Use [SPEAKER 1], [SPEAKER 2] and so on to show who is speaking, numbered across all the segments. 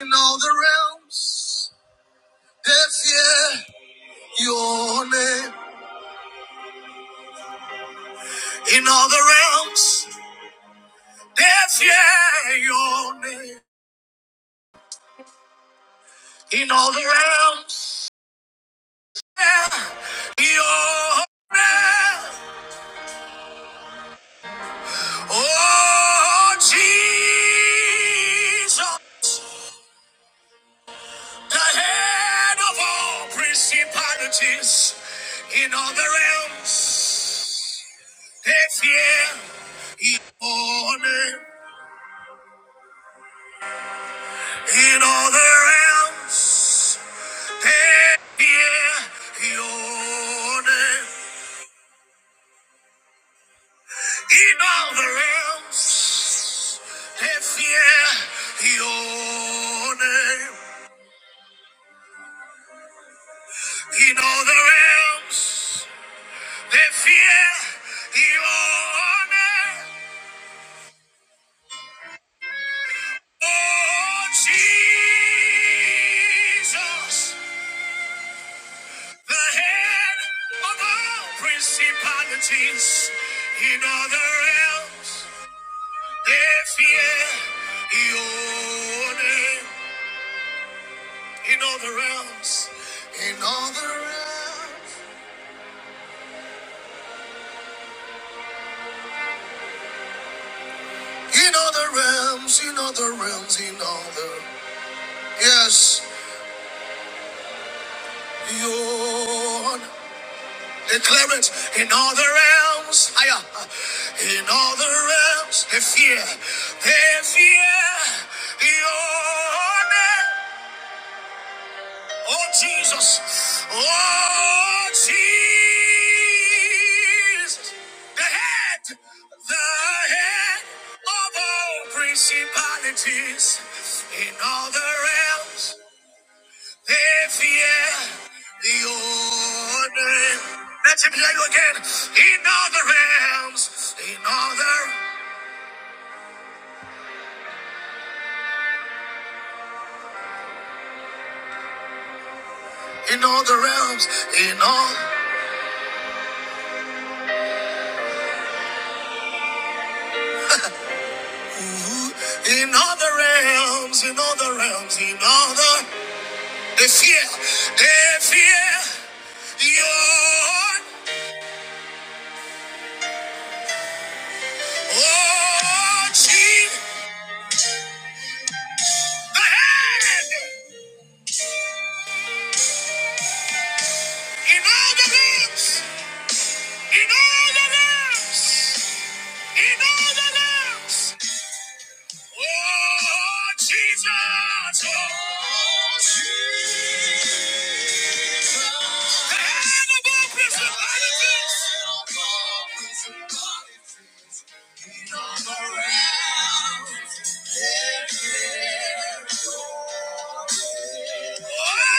[SPEAKER 1] In all the realms, they fear your name. In all the realms, they fear your name. In all the realms, they fear your name. Oh, Jesus, the head of all principalities. In all the realms, they fear your name. In all the realms, they fear your name. In all the realms, they fear your name. In all the realms, they fear your name. Oh, Jesus, the head of all principalities in all the realms. If yeah, your name in all the realms, in all the realms, in all the realms, in all the realms, in all the yes, your declare it in all the realms, higher, in all the realms. They fear, they fear your name. Oh Jesus. Oh Jesus. The head. The head of all principalities in all the realms. They fear the ordering. Let him hear you again. In all the realms. In all the in all the realms. In all ooh, in all the realms. In all the realms. In all the The fear, the fear, you're watching the hand in all the rooms, in all the rooms, in all the rooms. Oh, Jesus, oh, Jesus. The hand above principalities, the hand above principalities, in all the principalities. Jesus.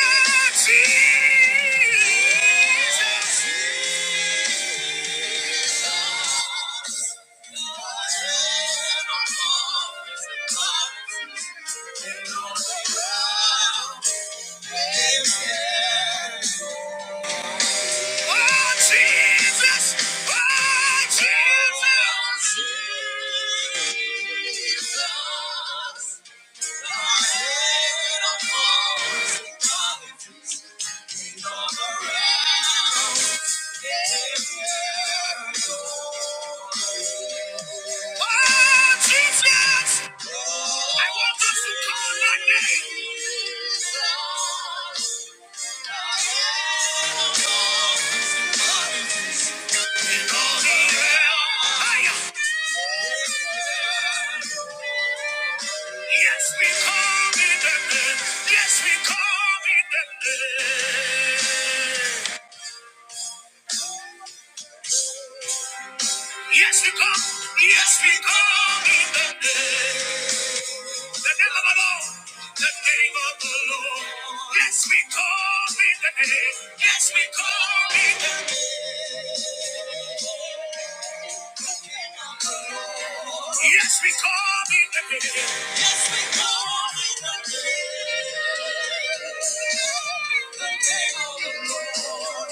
[SPEAKER 1] Oh, Jesus! I want us to call that name. Yes, we call it the name. Yes, we call it the name. Yes, we come. Yes, we come in the name. The name of the Lord. The name of the Lord. Yes, we come in the name. Yes, we come in the name. Yes, we come in the name. Yes, we call in the night.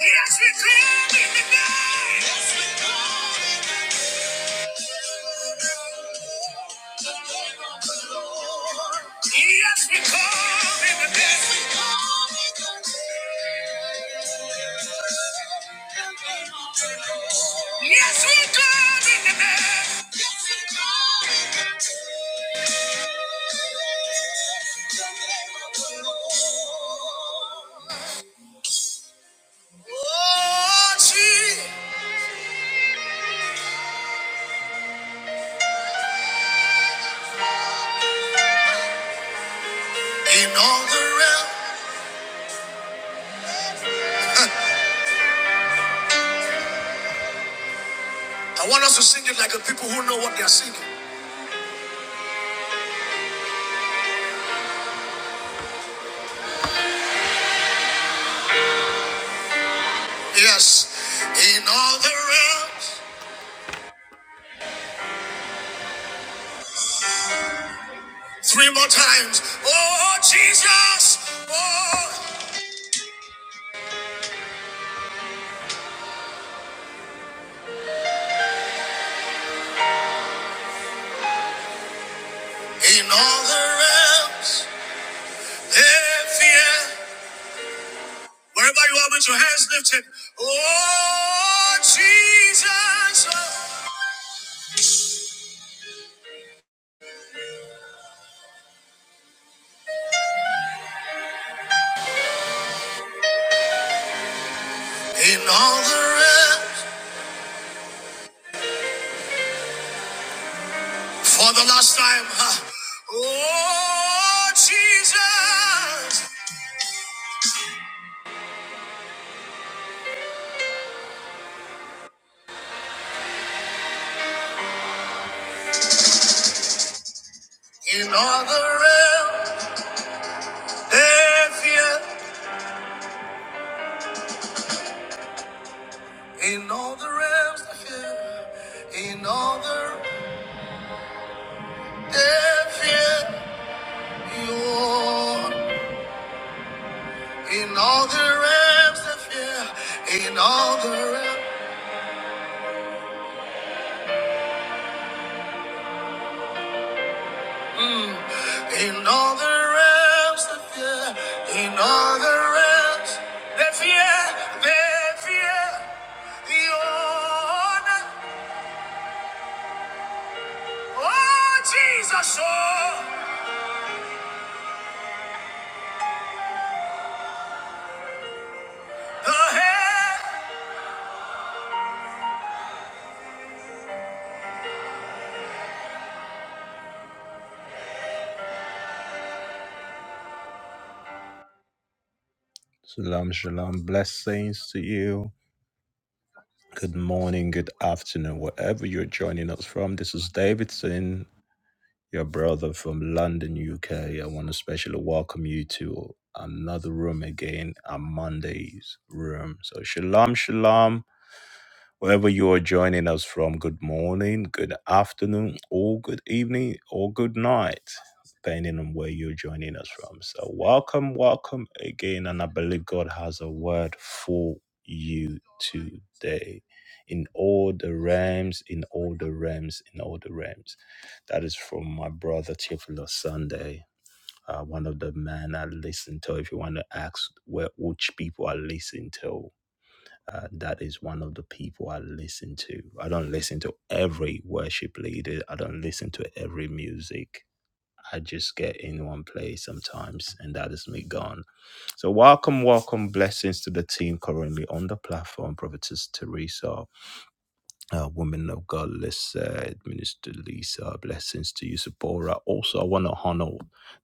[SPEAKER 1] Yes, we call in the Yes, we call in the day. Yes, we call in the day. In all the realm, I want us to sing it like the people who know what they are singing. Yes, in all the realms, three more times. Oh Jesus, oh, in all the realms, they fear. Wherever you are with your hands lifted, oh Jesus, in all the realms. for the last time, huh? oh Jesus, in all the realms, they fear, in all the realms, they fear, in all the they fear, you are. in all the realms, they fear, in all the realms. In all the realms of fear, in all the realms, the fear, the fear, the honor, oh Jesus, oh, the head. Shalom, shalom, blessings to you. Good morning, good afternoon, wherever you're joining us from. This is Davidson. your brother from London, UK. I want to specially welcome you to another room again, our Monday's room. So, shalom, shalom. Wherever you are joining us from, good morning, good afternoon, or good evening, or good night, depending on where you're joining us from. So, welcome, welcome again. And I believe God has a word for you today in all the realms, in all the realms, in all the realms. That is from my brother, Theophilus Sunday. Uh, one of the men I listen to, if you want to ask where which people I listen to, uh, that is one of the people I listen to. I don't listen to every worship leader, I don't listen to every music. I just get in one place sometimes, and that is me gone. So, welcome, welcome, blessings to the team currently on the platform, Prophetess Teresa uh, woman of God, let's uh, Minister Lisa, blessings to you, Sephora. Also, I want to honor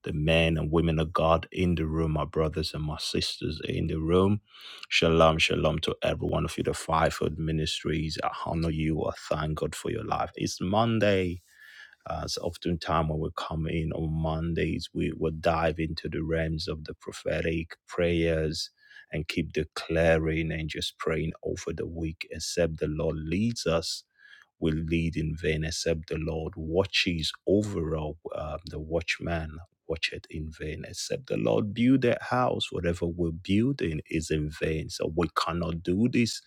[SPEAKER 1] the men and women of God in the room, my brothers and my sisters in the room. Shalom, shalom to every one of you, the fivefold ministries. I honor you. I thank God for your life. It's Monday. Uh, so oftentimes when we come in on Mondays, we will dive into the realms of the prophetic prayers and keep declaring and just praying over the week, except the Lord leads us will lead in vain except the Lord watches over all. Um, the watchman watcheth in vain except the Lord build that house. Whatever we're building is in vain. So we cannot do this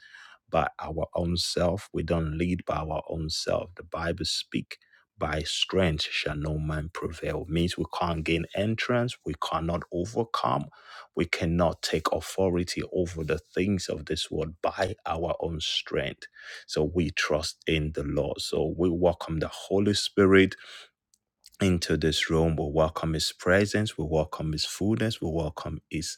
[SPEAKER 1] by our own self. We don't lead by our own self. The Bible speak by strength shall no man prevail. Means we can't gain entrance. We cannot overcome. We cannot take authority over the things of this world by our own strength so we trust in the Lord. So we welcome the Holy Spirit into this room. We welcome His presence. We welcome His fullness. We welcome His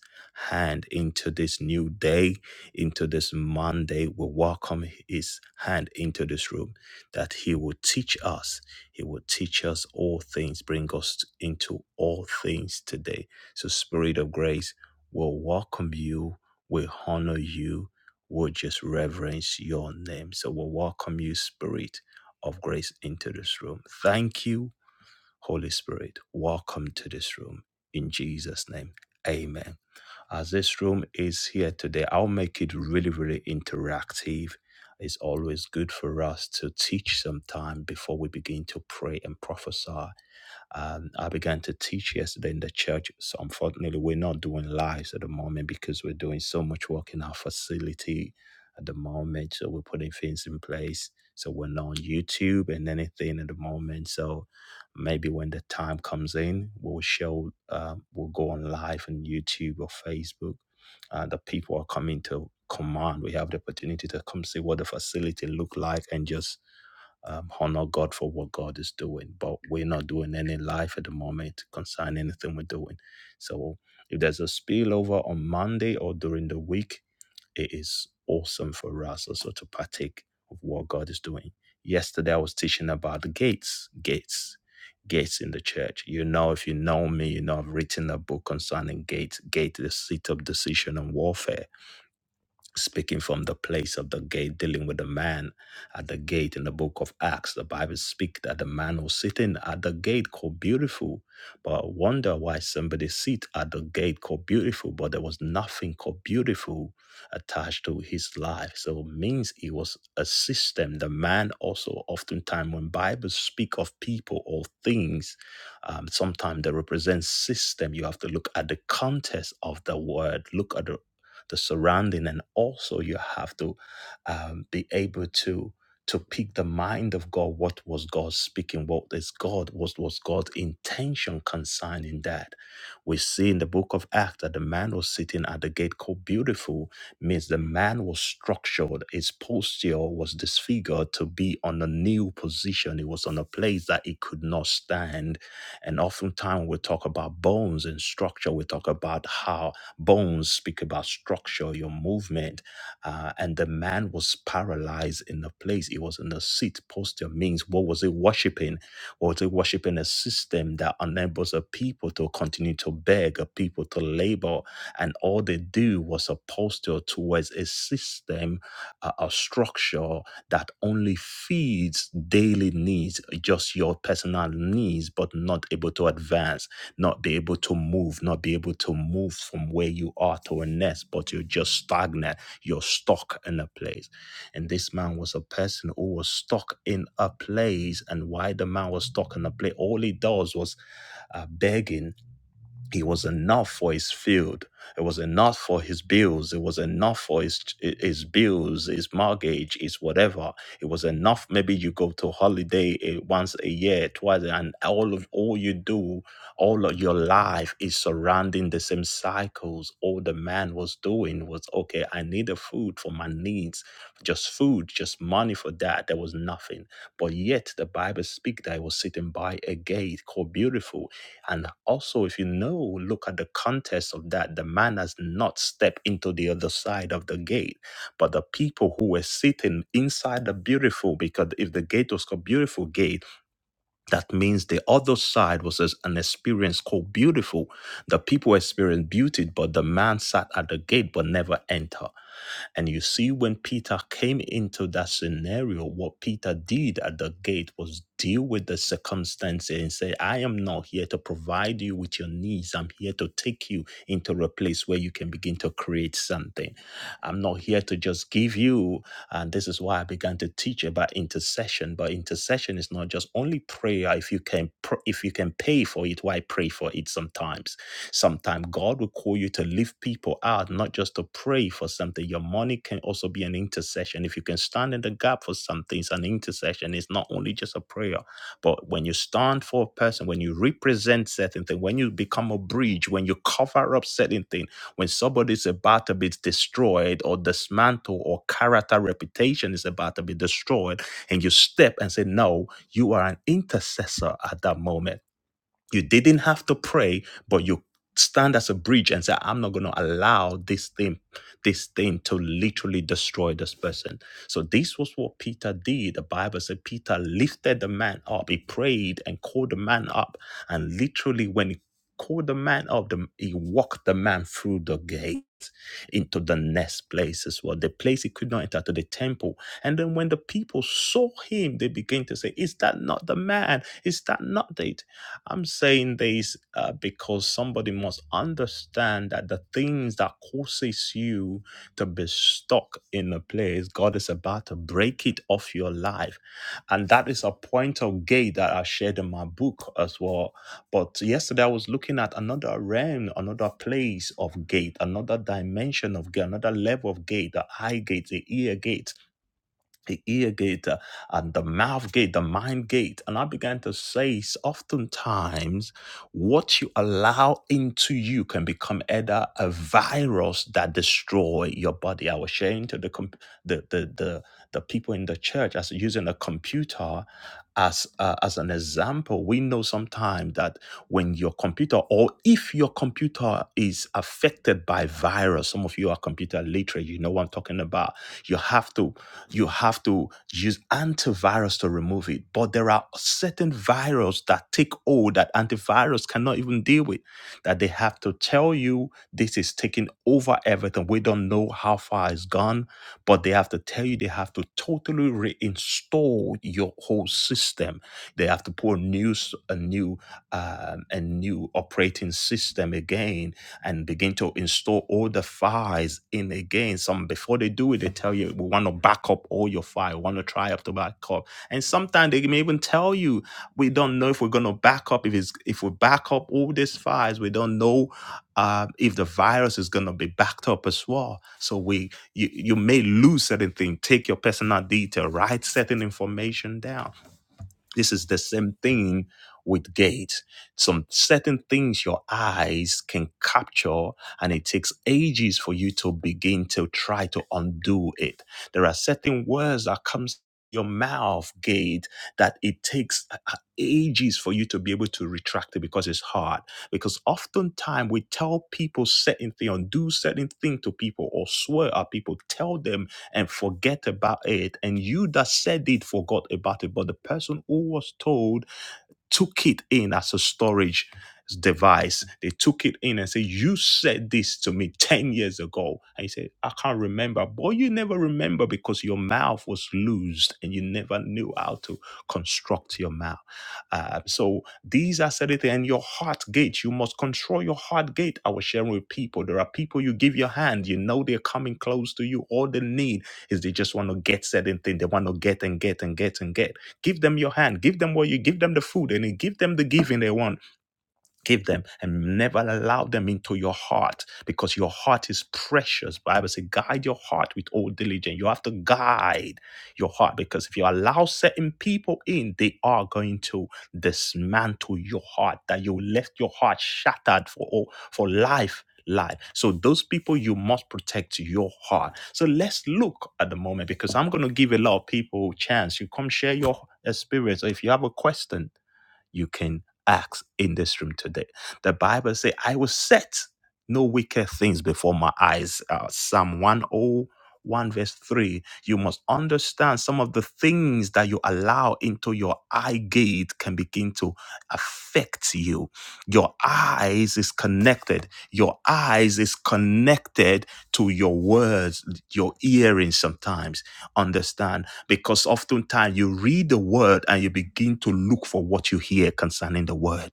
[SPEAKER 1] hand into this new day, into this Monday. We welcome His hand into this room that He will teach us. He will teach us all things, bring us t- into all things today. So, Spirit of Grace, we'll welcome you. We honor you. We'll just reverence your name. So, we welcome you, Spirit of Grace, into this room. Thank you Holy Spirit, welcome to this room. In Jesus' name, amen. As this room is here today, I'll make it really, really interactive. It's always good for us to teach some time before we begin to pray and prophesy. Um, I began to teach yesterday in the church. So, unfortunately, we're not doing lives at the moment because we're doing so much work in our facility at the moment. So, we're putting things in place. So, we're not on YouTube and anything at the moment. So, Maybe when the time comes in, we'll show, um, we'll go on live on YouTube or Facebook. Uh, the people are coming to command. We have the opportunity to come see what the facility look like and just um, honor God for what God is doing. But we're not doing any live at the moment concerning anything we're doing. So if there's a spillover on Monday or during the week, it is awesome for us also to partake of what God is doing. Yesterday, I was teaching about the gates, gates, gates in the church. You know, if you know me, you know I've written a book concerning gates, gate, the seat of decision and warfare speaking from the place of the gate, dealing with the man at the gate in the book of Acts. The Bible speaks that the man was sitting at the gate called beautiful, but I wonder why somebody sit at the gate called beautiful, but there was nothing called beautiful attached to his life. So it means it was a system. The man also oftentimes when Bibles speak of people or things, um, sometimes they represent system. You have to look at the context of the word, look at the the surrounding, and also you have to um, be able to to pick the mind of God. What was God speaking? What is God? What was God's intention concerning that? We see in the book of Acts that the man was sitting at the gate called Beautiful means the man was structured. His posture was disfigured to be on a new position. It was on a place that he could not stand and oftentimes we talk about bones and structure. We talk about how bones speak about structure, your movement. Uh, and the man was paralyzed in the place. He was in the seat posture, means what was he worshiping? or to worship in a system that enables a people to continue to beg, a people to labor, and all they do was a posture towards a system, a, a structure that only feeds daily needs, just your personal needs, but not able to advance, not be able to move, not be able to move from where you are to a next, but you're just stagnant, you're stuck in a place. And this man was a person who was stuck in a place. And why the man was stuck in a place, all he does was uh, begging it was enough for his field. It was enough for his bills. It was enough for his his bills, his mortgage, his whatever. It was enough. Maybe you go to holiday eh, once a year, twice, and all of all you do, all of your life is surrounding the same cycles. All the man was doing was okay. I need a food for my needs, just food, just money for that. There was nothing, but yet the Bible speak that he was sitting by a gate called beautiful and also, if you know, look at the context of that, the man has not stepped into the other side of the gate, but the people who were sitting inside the beautiful, because if the gate was called beautiful gate, that means the other side was as an experience called beautiful. The people experienced beauty, but the man sat at the gate but never entered. And you see, when Peter came into that scenario, what Peter did at the gate was deal with the circumstances and say, I am not here to provide you with your needs. I'm here to take you into a place where you can begin to create something. I'm not here to just give you. And this is why I began to teach about intercession. But intercession is not just only prayer. If you can, pr- if you can pay for it, why pray for it? Sometimes, sometimes God will call you to lift people out, not just to pray for something. Your money can also be an intercession. If you can stand in the gap for something, it's an intercession. It's not only just a prayer, but when you stand for a person, when you represent certain things, when you become a bridge, when you cover up certain things when somebody's about to be destroyed or dismantled or character reputation is about to be destroyed, and you step and say, No, you are an intercessor at that moment you didn't have to pray, but you stand as a bridge and say, I'm not going to allow this thing, this thing to literally destroy this person. So this was what Peter did. The Bible said Peter lifted the man up. He prayed and called the man up. And literally when he called the man up, the, he walked the man through the gate into the next place as well, the place he could not enter to the temple. And then when the people saw him, they began to say, Is that not the man? Is that not it? I'm saying this uh, because somebody must understand that the things that causes you to be stuck in a place, God is about to break it off your life. And that is a point of gate that I shared in my book as well. But yesterday I was looking at another realm, another place of gate, another dimension of gate, another level of gate, the eye gate, the ear gate the ear gate uh, and the mouth gate, the mind gate. And I began to say, s- oftentimes, what you allow into you can become either a virus that destroy your body. I was sharing to the comp- the, the the the people in the church as using a computer as uh, as an example. We know sometimes that when your computer or if your computer is affected by virus, some of you are computer literate. You know what I'm talking about. You have to you have to use antivirus to remove it. But there are certain viruses that take hold that antivirus cannot even deal with, that they have to tell you this is taking over everything. We don't know how far it's gone, but they have to tell you they have to totally reinstall your whole system. They have to put a new, s- a new, um, a new operating system again and begin to install all the files in again. Some before they do it, they tell you we want to back up all your file, We want to try up to back up. And sometimes they may even tell you we don't know if we're gonna back up if it's if we back up all these files, we don't know uh, if the virus is gonna be backed up as well. So we you, you may lose certain things. Take your personal detail, write certain information down this is the same thing with gates. Some certain things your eyes can capture, and it takes ages for you to begin to try to undo it. There are certain words that comes your mouth gate that it takes a- a- ages for you to be able to retract it because it's hard because oftentimes we tell people certain thing or do certain thing to people or swear at people tell them and forget about it. And you that said it forgot about it. But the person who was told took it in as a storage device. They took it in and said, You said this to me 10 years ago. And he said, I can't remember. Boy, you never remember because your mouth was loosed and you never knew how to construct your mouth. Uh, so these are certain things. And your heart gate, you must control your heart gate. I was sharing with people. There are people you give your hand, you know they're coming close to you. All they need is they just want to get certain thing. They want to get and get and get and get. Give them your hand. Give them what you give them the food and then give them the giving they want give them and never allow them into your heart because your heart is precious bible says guide your heart with all diligence you have to guide your heart because if you allow certain people in they are going to dismantle your heart that you left your heart shattered for all for life life so those people you must protect your heart so let's look at the moment because i'm going to give a lot of people chance you come share your experience or if you have a question you can ask in this room today. The Bible says, I will set no wicked things before my eyes. Uh, Psalm 101, verse 3. You must understand some of the things that you allow into your eye gate can begin to affect you. Your eyes is connected. Your eyes is connected to your words, your earrings sometimes. Understand? because oftentimes you read the word and you begin to look for what you hear concerning the word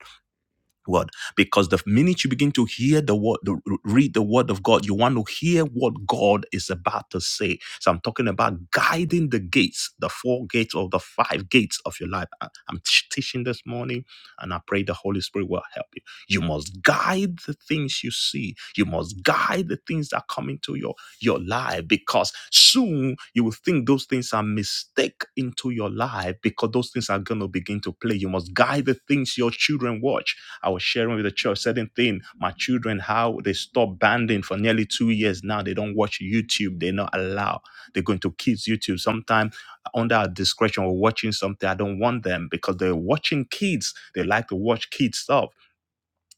[SPEAKER 1] word because the minute you begin to hear the word the, read the word of god you want to hear what god is about to say so i'm talking about guiding the gates the four gates or the five gates of your life I- i'm teaching this morning and i pray the holy spirit will help you you must guide the things you see. You must guide the things that come into your, your life because soon you will think those things are mistake into your life because those things are going to begin to play. You must guide the things your children watch. I was sharing with the church certain thing. My children, how they stopped banding for nearly two years now. They don't watch YouTube. They're not allowed. They're going to kids YouTube. Sometimes under our discretion or watching something. I don't want them because they're watching kids. They like to watch kids stuff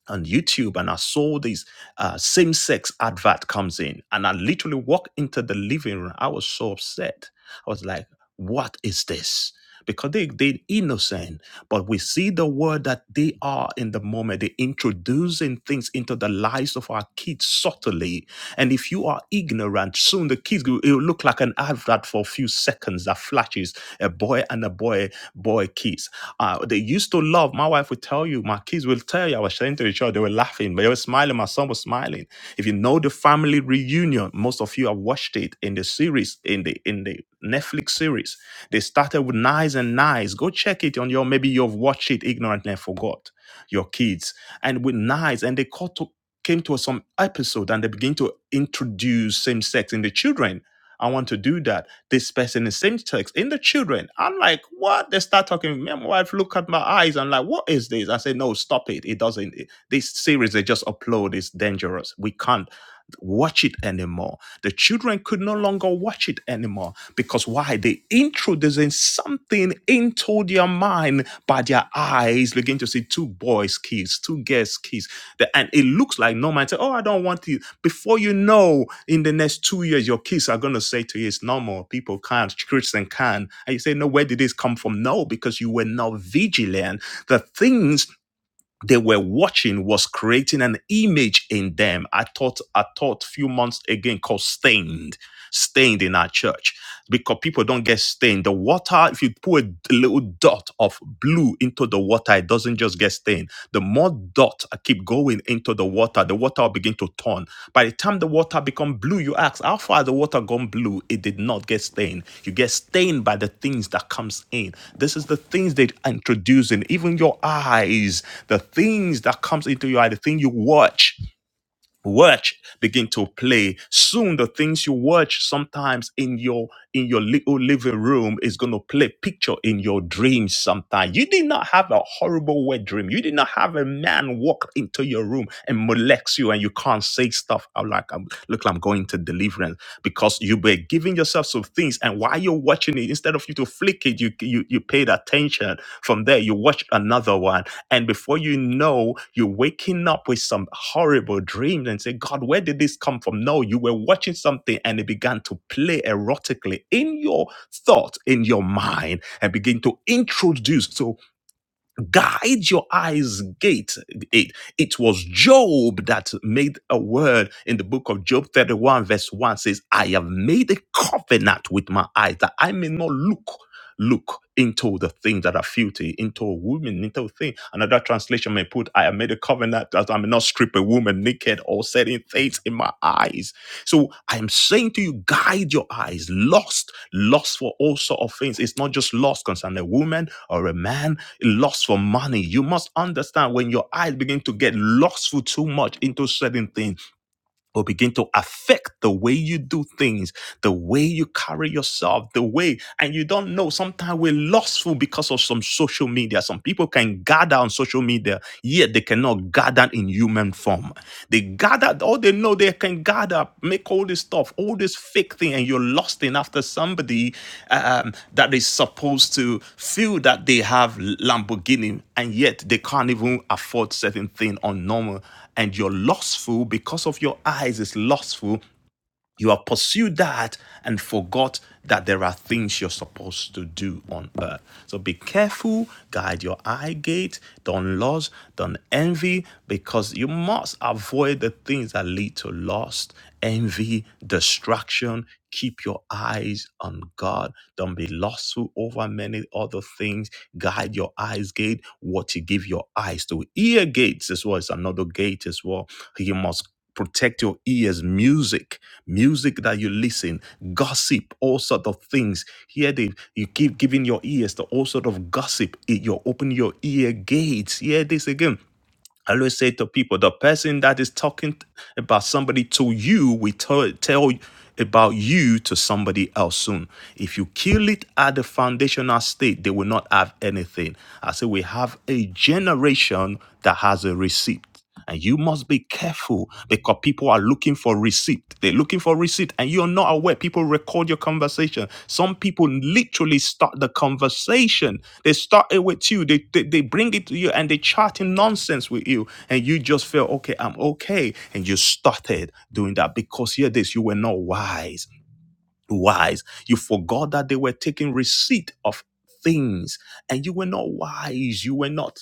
[SPEAKER 1] on YouTube and I saw this uh, same sex advert comes in and I literally walked into the living room. I was so upset. I was like, what is this? Because they, they're innocent, but we see the word that they are in the moment. They're introducing things into the lives of our kids subtly. And if you are ignorant, soon the kids will it will look like an advert for a few seconds that flashes a boy and a boy, boy kiss. Uh, they used to love, my wife would tell you, my kids will tell you, I was saying to each other, they were laughing, but they were smiling, my son was smiling. If you know the family reunion, most of you have watched it in the series, in the in the Netflix series. They started with Nice and Nice. Go check it on your, maybe you've watched it ignorantly and forgot your kids. And with Nice, and they caught to, came to some episode and they begin to introduce same sex in the children. I want to do that. This person is same sex in the children. I'm like, what? They start talking. my wife look at my eyes. I'm like, what is this? I say, no, stop it. It doesn't. it- this series they just upload is dangerous. We can't watch it anymore. The children could no longer watch it anymore because why? They introducing something into their mind by their eyes, begin to see two boys kiss, two girls kiss, The- and it looks like normal. And Say, oh, I don't want it. Before you know, in the next two years, your kids are gonna say to you, it's normal. People can't, Christian can, and you say, no, where did this come from? No, because you were not vigilant. The things they were watching was creating an image in them. I taught I taught a few months again called stained, stained in our church because people don't get stained. The water, if you put a little dot of blue into the water, it doesn't just get stained. The more dot I keep going into the water, the water will begin to turn. By the time the water become blue, you ask, how far has the water gone blue? It did not get stained. You get stained by the things that comes in. This is the things they introduce in even your eyes, the things that comes into your eye, the thing you watch watch begin to play soon the things you watch sometimes in your in your little living room is going to play picture in your dreams sometimes you did not have a horrible wet dream you did not have a man walk into your room and molest you and you can't say stuff I'm like i'm look like i'm going to deliverance because you've been but giving yourself some things. And while you're watching it, instead of you to flick it, you you you paid attention. From there, you watch another one, and before you know, you're waking up with some horrible dreams and say, God, where did this come from? No, you were watching something, and it began to play erotically in your thought, in your mind, and begin to introduce. So guide your eyes gate it it was job that made a word in the book of job 31 verse 1 says i have made a covenant with my eyes that i may not look look into the things that are filthy into a woman into a thing another translation may put i have made a covenant that i may not strip a woman naked or setting things in my eyes so I am saying to you, guide your eyes. Lost, lost for all sort of things. It's not just lost concerning a woman or a man, lost for money. You must understand when your eyes begin to get lustful too much into certain things will begin to affect the way you do things, the way you carry yourself, the way, and you don't know. Sometimes we're lostful because of some social media. Some people can gather on social media, yet they cannot gather in human form. They gather, all they know they can gather, make all this stuff, all this fake thing, and you're lost in after somebody um, that is supposed to feel that they have Lamborghini, and yet they can't even afford certain thing on normal and you're lustful because of your eyes is lustful you have pursued that and forgot that there are things you're supposed to do on earth. So be careful, guide your eye gate, don't lust, don't envy, because you must avoid the things that lead to lust, envy, distraction. Keep your eyes on God. Don't be lustful over many other things. Guide your eyes gate. What you give your eyes to. Ear gates as well is another gate as well. You must protect your ears music music that you listen gossip all sort of things here they you keep giving your ears to all sort of gossip It- you open your ear gates hear this again I always say to people, the person that is talking t- about somebody to you, we tell, tell about you to somebody else soon. If you kill it at the foundational state, they will not have anything. I say we have a generation that has a receipt. And you must be careful because people are looking for receipt. They're looking for receipt, and you're not aware. People record your conversation. Some people literally start the conversation. They start it with you. They, they they bring it to you, and they chatting nonsense with you, and you just feel okay. I'm okay, and you started doing that because hear this: you were not wise wise. You forgot that they were taking receipt of things and you were not wise. You were not.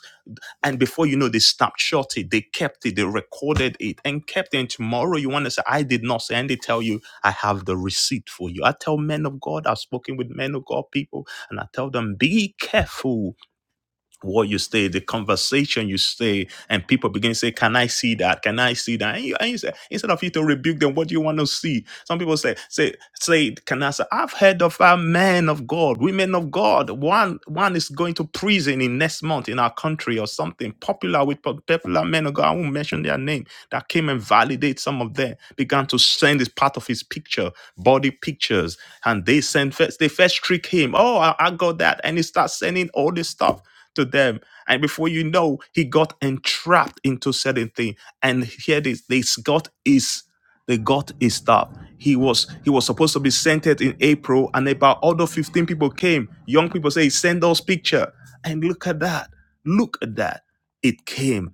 [SPEAKER 1] And before you know, they snapshot it, they kept it, they recorded it and kept it. And tomorrow you want to say, I did not say, and they tell you, I have the receipt for you. I tell men of God, I've spoken with men of God people, and I tell them, be careful what you stay, the conversation you stay, and people begin to say, Can I see that? Can I see that? And you, and you say, instead of you to rebuke them, what do you want to see? Some people say, say, say, can I say, I've heard of our men of God, women of God. One one is going to prison in next month in our country or something. Popular with popular men of God, I won't mention their name, that came and validate some of them, began to send this part of his picture, body pictures, and they sent first, they first trick him. Oh, I, I got that. And he starts sending all this stuff to them. And before you know, he got entrapped into certain thing. And here this, they got his, they got his stuff. He was he was supposed to be centered in April, and about other 15 people came. Young people say, send us picture. And look at that. Look at that. It came.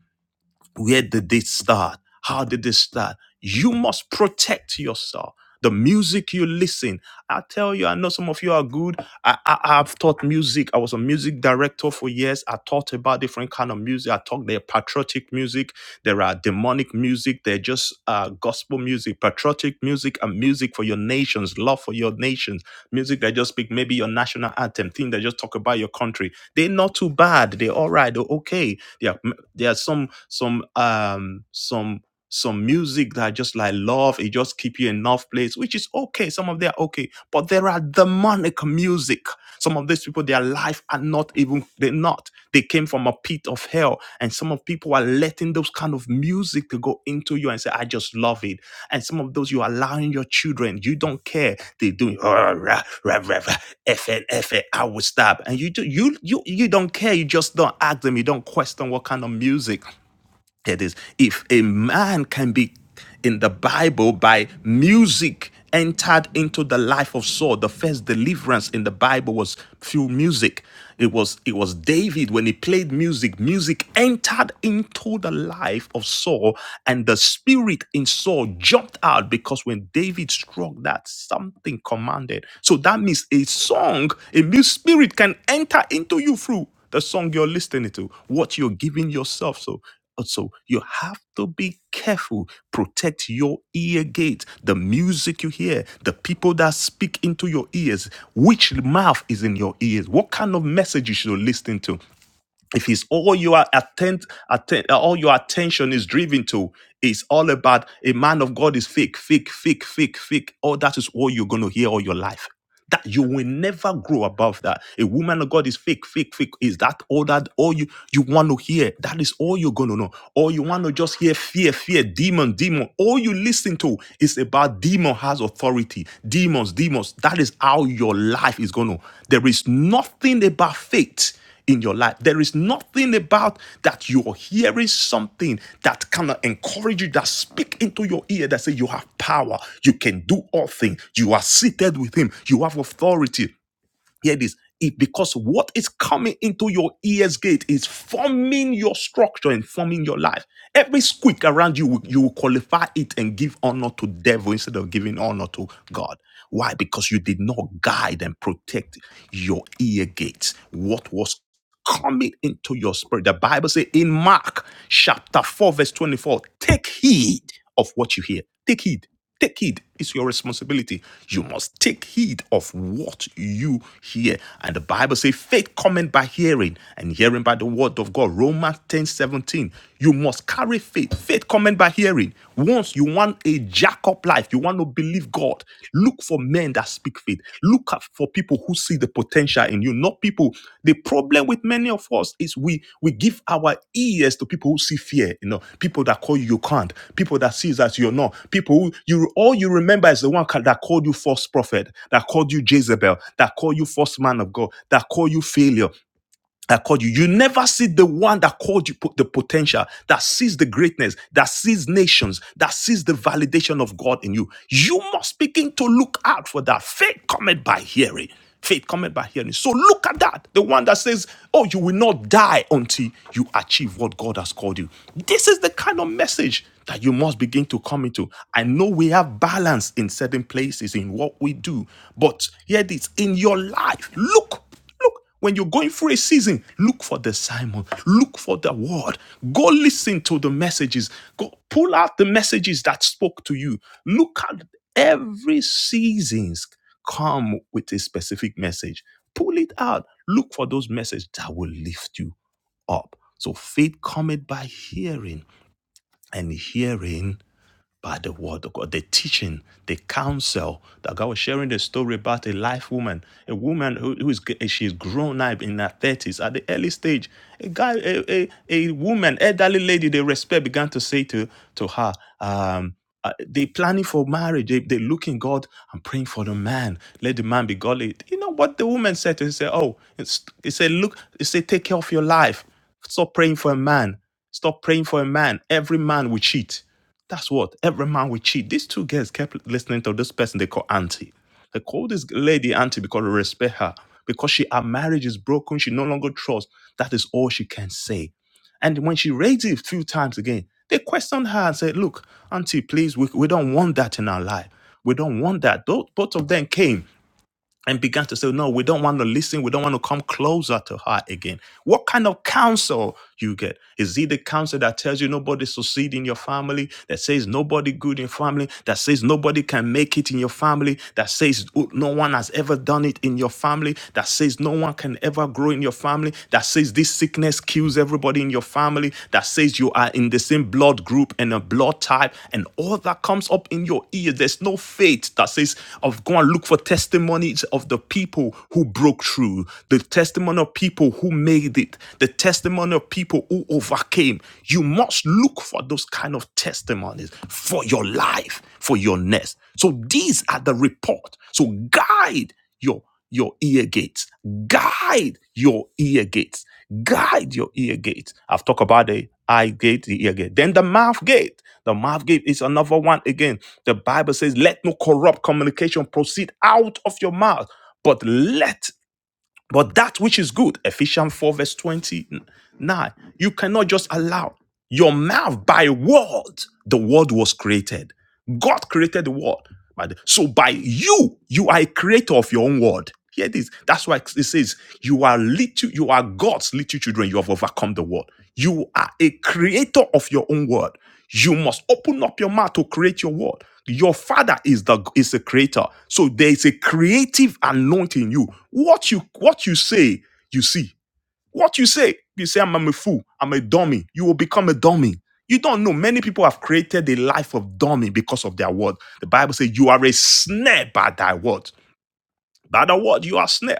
[SPEAKER 1] Where did this start? How did this start? You must protect yourself. The music you listen. I tell you, I know some of you are good. I, I I've taught music. I was a music director for years. I taught about different kind of music. I taught there patriotic music. There are demonic music. There are just uh, gospel music, patriotic music, and music for your nations, love for your nations, music that just speak maybe your national anthem, thing that just talk about your country. They're not too bad. They're all right. They're okay. Yeah, there's some some um some some music that I just like love. It just keep you in enough place, which is okay. Some of them are okay, but there are demonic music. Some of these people, their life are not even, they're not. They came from a pit of hell. And some of people are letting those kind of music to go into you and say, I just love it. And some of those you're allowing your children, you don't care. They do rah, rah, rah, rah, rah, FN, will stop. And you do you you you don't care. You just don't ask them. You don't question what kind of music. It is if a man can be in the Bible by music entered into the life of Saul. The first deliverance in the Bible was through music. It was it was David when he played music. Music entered into the life of Saul, and the spirit in Saul jumped out because when David struck that, something commanded. So that means a song, a new spirit can enter into you through the song you're listening to, what you're giving yourself. So also, you have to be careful. Protect your ear gate, the music you hear, the people that speak into your ears, which mouth is in your ears, what kind of message you should listen to if it's all you are attend, atten- uh, all your attention is driven to is all about a man of God is fake, fake, fake, fake, fake. Oh, that is all you're gonna hear all your life. That you will never grow above that. A woman of God is fake, fake, fake. Is that all that all you you want to hear? That is all you're gonna know. Or you want to just hear fear, fear, demon, demon. All you listen to is about demon has authority. Demons, demons. That is how your life is gonna. There is nothing about faith in your life. There is nothing about that you are hearing something that cannot encourage you, that speak into your ear, that say you have power, you can do all things, you are seated with him, you have authority, Hear this. It, because what is coming into your ears gate is forming your structure and forming your life. Every squeak around you, you will qualify it and give honor to devil instead of giving honor to God. Why? Because you did not guide and protect your ear gates. What was coming into your spirit? The Bible says in Mark chapter 4, verse 24, take heed of what you hear. Take heed. Take heed. It's your responsibility. You must take heed of what you hear. And the Bible says, faith cometh by hearing, and hearing by the word of God. Romans 10 17. You must carry faith. Faith cometh by hearing. Once you want a jack up life, you want to believe God, look for men that speak faith. Look out for people who see the potential in you, not people. The problem with many of us is we we give our ears to people who see fear, you know, people that call you you can't, people that sees that you're not, people who you all you remember is the one ca- that called you false prophet, that called you Jezebel, that called you false man of God, that called you failure, that called you. You never see the one that called you put the potential, that sees the greatness, that sees nations, that sees the validation of God in you. You must begin to look out for that. Faith cometh by hearing. Faith cometh by hearing. So look at that. The one that says, Oh, you will not die until you achieve what God has called you. This is the kind of message that you must begin to come into. I know we have balance in certain places in what we do, but here it is in your life. Look Look, when you're going through a season, look for the Simon, look for the word. Go listen to the messages. Go pull out the messages that spoke to you. Look at every seasons come with a specific message. Pull it out. Look for those messages that will lift you up. So faith cometh by hearing, and hearing by the word of God, the teaching, the counsel that God was sharing the story about a life woman, a woman who, who is she's grown up in her thirties at the early stage. A guy, a, a, a woman, elderly lady, they respect began to say to to her, um, uh, they planning for marriage. They they looking God and praying for the man. Let the man be godly. You know what the woman said to him? She Said, oh, it's, he said, look, he said, take care of your life. Stop praying for a man. Stop praying for a man. Every man will cheat. That's what every man will cheat. These two girls kept listening to this person they call auntie. They call this lady auntie because they respect her. Because she her marriage is broken, she no longer trusts. That is all she can say. And when she raised it a few times again, they questioned her and said, Look, auntie, please, we, we don't want that in our life. We don't want that. Tho- both of them came and began to say, No, we don't want to listen. We don't want to come closer to her again. What kind of counsel you get? Is it the counsel that tells you nobody succeed in your family, that says nobody good in family, that says nobody can make it in your family, that says "Oh, no one has ever done it in your family, that says no one can ever grow in your family, that says this sickness kills everybody? everybody in your family that says you are in the same blood group and a blood type, and all that comes up in your ear. There's no faith that says, of go and look for testimonies of the people who broke through, the testimony of people who made it, the testimony of people who overcame. You must look for those kind of testimonies for your life, for your nest. So these are the report. So guide your your ear gates. Guide your ear gates. Guide your ear gates. I've talked about the eye gate, the ear gate. Then the mouth gate. The mouth gate is another one again. The Bible says, let no corrupt communication proceed out of your mouth, but let but that which is good, Ephesians 4, verse 29, you cannot just allow your mouth by word. The word was created. God created the word. By the- So by you, you are a creator of your own word. Hear this. That's why it says, you are little, you are God's little children. You have overcome the world. You are a creator of your own word. You must open up your mouth to create your word. Your father is the is a creator. So there is a creative anointing in you. What you what you say, you see. What you say, you say, I'm, I'm a fool, I'm a dummy. You will become a dummy. You don't know. Many people have created a life of dummy because of their word. The Bible says you are a snare by thy word. By the word, you are snare.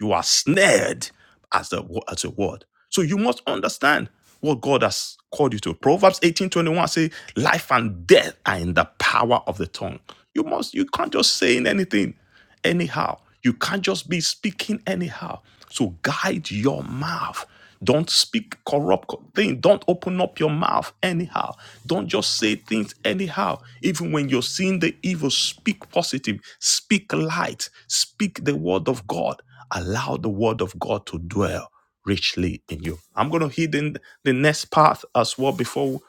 [SPEAKER 1] You are snared as the as a word. So you must understand what God has called you to. Proverbs eighteen twenty one 21 say, life and death are in the power of the tongue. You must, you can't just say in anything anyhow. You can't just be speaking anyhow. So guide your mouth. Don't speak corrupt things. Don't open up your mouth anyhow. Don't just say things anyhow. Even when you're seeing the evil, speak positive, speak light, speak the word of God allow the word of God to dwell richly in you. I'm going to hit in the next part as well before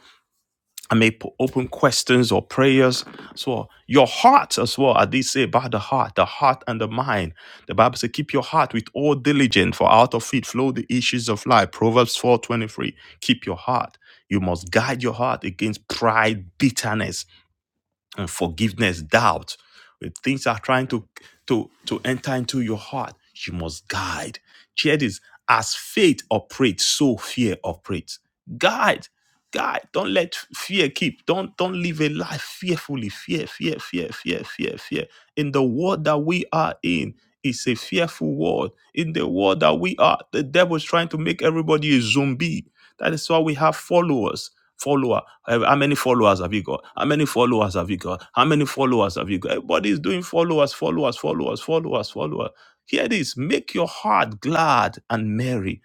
[SPEAKER 1] I may po- open questions or prayers as well. Your heart as well. I did say about the heart, the heart and the mind. The Bible says, keep your heart with all diligence, for out of it flow the issues of life. Proverbs 4.23. Keep your heart. You must guide your heart against pride, bitterness, uh, forgiveness, doubt, when things are trying to to to enter into your heart, you must guide. Hear this: as faith operates, so fear operates. Guide, guide. Don't let fear keep. Don't don't live a life fearfully. Fear, fear, fear, fear, fear, fear. In the world that we are in. It's a fearful world. In the world that we are, the devil is trying to make everybody a zombie that is why we have followers. Follower. Uh, How many followers have you got? How many followers have you got? How many followers have you got? Everybody is doing followers, followers, followers, followers, followers. Here it is. Make your heart glad and merry.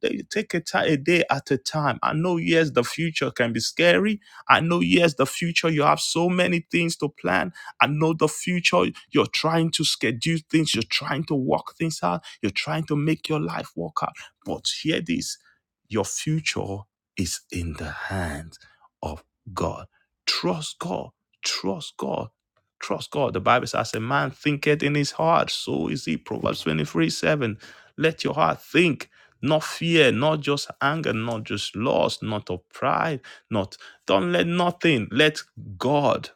[SPEAKER 1] They- Take a ti- a day at a time. I know, yes, the future can be scary. I know, yes, the future, you have so many things to plan. I know the future, you're trying to schedule things, you're trying to work things out, you're trying to make your life work out. But hear this your future is in the hands of God. Trust God. Trust God. Trust God. The Bible says, A man thinketh in his heart, so is he. Proverbs 23 7. Let your heart think, not fear, not just anger, not just loss, not of pride, not. Don't let nothing. Let God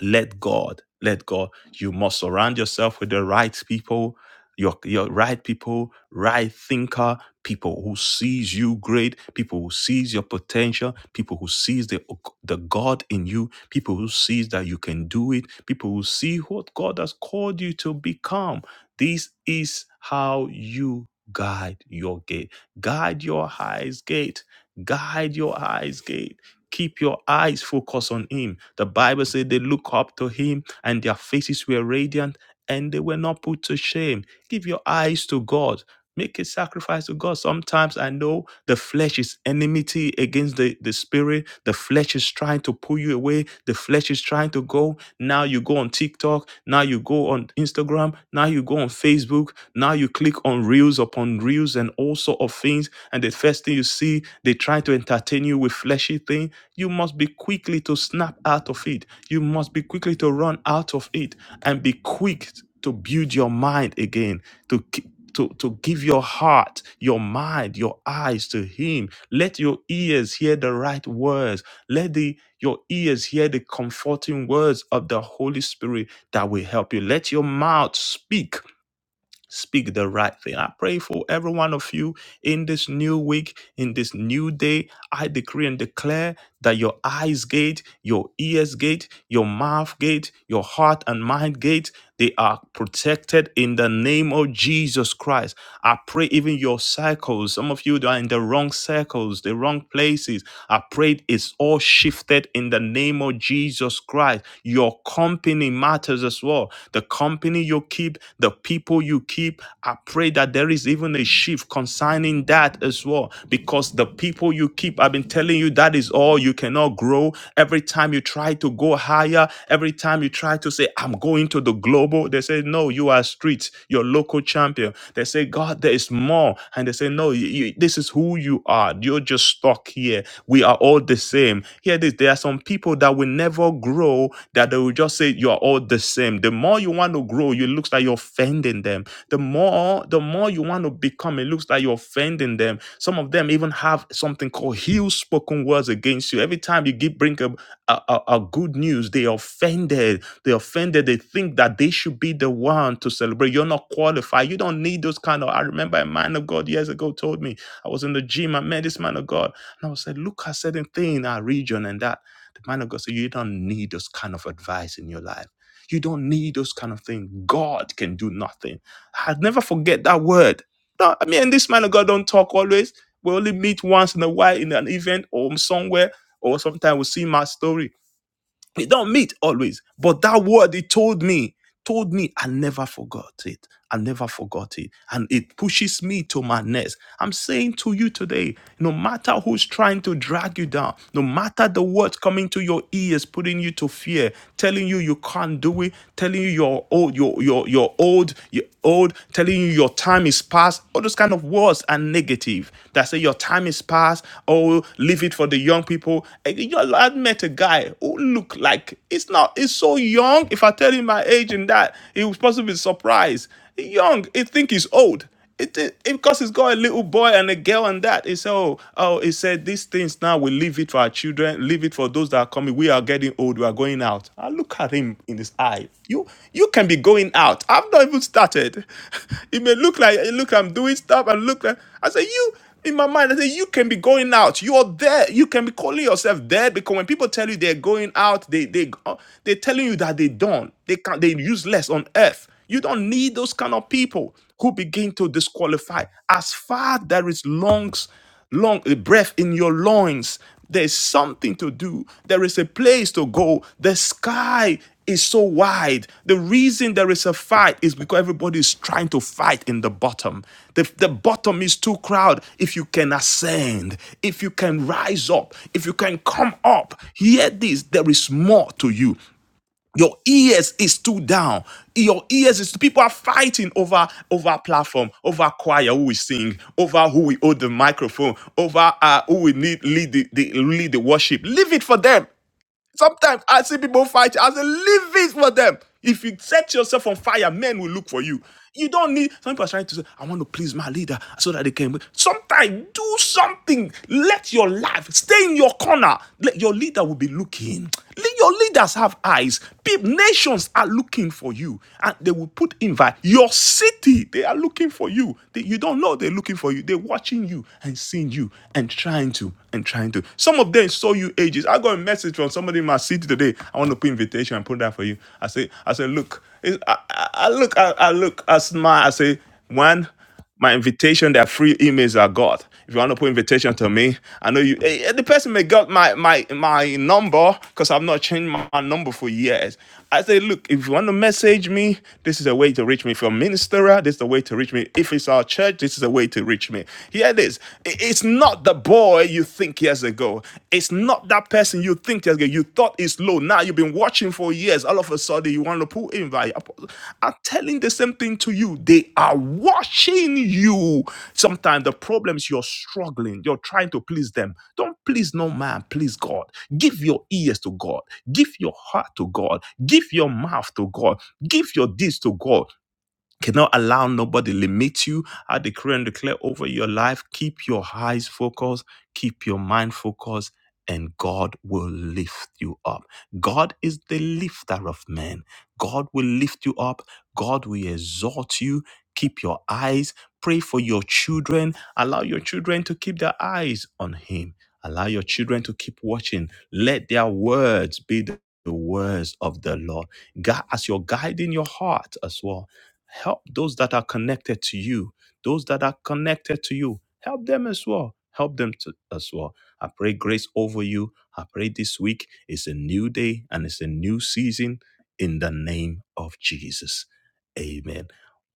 [SPEAKER 1] let God, let God. You must surround yourself with the right people, your your right people, right thinker, people who sees you great, people who sees your potential, people who sees the the God in you, people who sees that you can do it, people who see what God has called you to become. This is how you guide your gate. Guide your eyes gate. Guide your eyes gate. Keep your eyes focused on him. The Bible said they look up to him and their faces were radiant and they were not put to shame. Give your eyes to God. Make a sacrifice to God. Sometimes I know the flesh is enmity against the, the spirit. The flesh is trying to pull you away. The flesh is trying to go. Now you go on TikTok. Now you go on Instagram. Now you go on Facebook. Now you click on reels upon reels and all sort of things, and the first thing you see, they try to entertain you with fleshy things. You must be quickly to snap out of it. You must be quickly to run out of it, and be quick to build your mind again. To ki- to, to give your heart, your mind, your eyes to him. Let your ears hear the right words. Let the your ears hear the comforting words of the Holy Spirit that will help you. Let your mouth speak Speak the right thing. I pray for every one of you in this new week, in this new day. I decree and declare that your eyes gate, your ears gate, your mouth gate, your heart and mind gate, they are protected in the name of Jesus Christ. I pray even your circles, some of you that are in the wrong circles, the wrong places, I pray it's all shifted lifted in the name of Jesus Christ. Your company matters as well. The company you keep, the people you keep. I pray that there is even a shift concerning that as well, because the people you keep, I've been telling you that is all. You cannot grow. Every time you try to go higher, every time you try to say, I'm going to the global, they say, No, you are street, you're local champion you. They say, God, there is more. And they say, No, you, you- this is who you are. You're just stuck here. We are all the same. Here this. There are some people that will never grow, that they will just say, You are all the same. The more you want to grow, it looks like you're offending them. The more, the more you want to become, it looks like you're offending them. Some of them even have something called heel spoken words against you. Every time you give bring up uh, uh, uh, good news. They offended. They offended. They think that they should be the one to celebrate. You're not qualified. You don't need those kind of. I remember a man of God years ago told me I was in the gym. I met this man of God, and I was said, look at certain thing in our region and that. The man of God said, you don't need those kind of advice in your life. You don't need those kind of things. God can do nothing. I'll never forget that word no, I mean, this man of God don't talk always. We only meet once in a while in an event or somewhere, or sometimes we see my story. We don't meet always. But that word he told me told me I never forgot it. I never forgot it. And it pushes me to my next. I'm saying to you today, no matter who's trying to drag you down, no matter the words coming to your ears, putting you to fear, telling you you can't do it, telling you you're old, you're, you're, you're old, you're old, telling you your time is past, all those kind of words are negative. That say your time is past, oh, leave it for the young people. And You know, I met a guy who looked like, it's not, it's so young. If I tell telling my age and that he was supposed to be surprised. Young, he think he's old. It, it, it because he's got a little boy and a girl and that. He said, oh, oh, he said these things now we leave it for our children, leave it for those that are coming. We are getting old, we are going out. I look at him in his eye. You you can be going out. I've not even started. It may look like look I'm doing stuff and look like I say you in my mind, I say you can be going out. You are there. You can be calling yourself there because when people tell you they're going out, they they uh, they're telling you that they don't. They can they useless on earth. You don't need those kind of people who begin to disqualify. As far there is lungs long the breath in your loins there's something to do there is a place to go the sky is so wide the reason there is a fight is because everybody is trying to fight in the bottom the, the bottom is too crowded if you can ascend if you can rise up if you can come up hear this there is more to you your ears is too down. Your ears is people are fighting over over platform, over choir who we sing, over who we hold the microphone, over uh, who we need lead the, the lead the worship. Leave it for them. Sometimes I see people fight. I say, leave it for them. If you set yourself on fire, men will look for you. You don't need. Some people are trying to say, I want to please my leader so that they can. Sometimes do something. Let your life stay in your corner. Let your leader will be looking. Your leaders have eyes. People, nations are looking for you, and they will put invite. Your city, they are looking for you. They- you don't know they're looking for you. They're watching you seeing you and seeing you and trying to and trying to. Some of them saw you ages. I got a message from somebody in my city today. I want to put invitation and put that for you. I say, I say, look, I, I I look, I, I look, I smile. I say, one, my invitation, their free emails I got. If you want to put invitation to me, I know you. eh, eh, The person may got my my my number because I've not changed my my number for years. I say, look, if you want to message me, this is a way to reach me. If you're a ministerer, this is the way to reach me. If it's our church, this is a way to reach me. Here it is. It's not the boy you think years ago. It's not that person you think years ago. You thought it's low. Now you've been watching for years. All of a sudden, you want to pull in. Right? I'm telling the same thing to you. They are watching you. Sometimes the problems you're struggling, you're trying to please them. Don't please no man, please God. Give your ears to God. Give your heart to God. Give your mouth to God. Give your deeds to God. Cannot allow nobody limit you. I decree and declare over your life. Keep your eyes focused, keep your mind focused, and God will lift you up. God is the lifter of men. God will lift you up. God will exalt you. Keep your eyes. Pray for your children. Allow your children to keep their eyes on Him. Allow your children to keep watching. Let their words be the the words of the Lord. God, as you're guiding your heart as well help those that are connected to you those that are connected to you help them as well help them to, as well i pray grace over you i pray this week is a new day and it's a new season in the name of jesus amen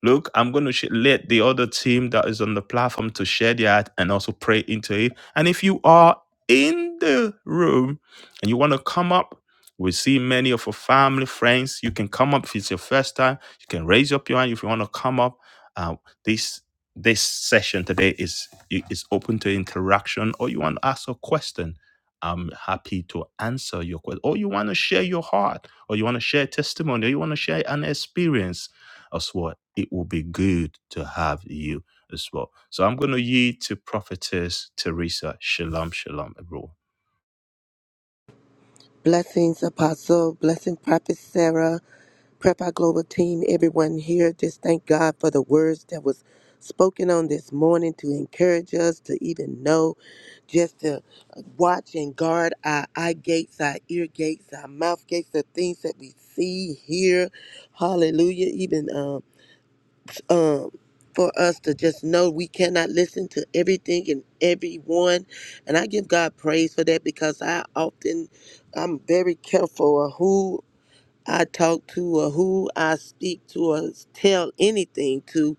[SPEAKER 1] Look, I'm going to sh- let the other team that is on the platform to share that and also pray into it. And if you are in the room and you want to come up, we see many of our family, friends. You can come up if it's your first time you can raise up your hand if you want to come up. Uh, this this session today is is open to interaction, or you want to ask a question. I'm happy to answer your question, or you want to share your heart, or you want to share testimony, or you want to share an experience as well. It will be good to have you as well. So I'm going to yield to Prophetess Teresa. Shalom, shalom, everyone.
[SPEAKER 2] Blessings, Apostle. Blessing, Prophet Sarah. Prep Our Global Team, everyone here. Just thank God for the words that was spoken on this morning to encourage us to even know, just to watch and guard our eye gates, our ear gates, our mouth gates, the things that we see, hear. Hallelujah. Even um, for us to just know we cannot listen to everything and everyone. And I give God praise for that because I often, I'm very careful of who I talk to or who I speak to or tell anything to,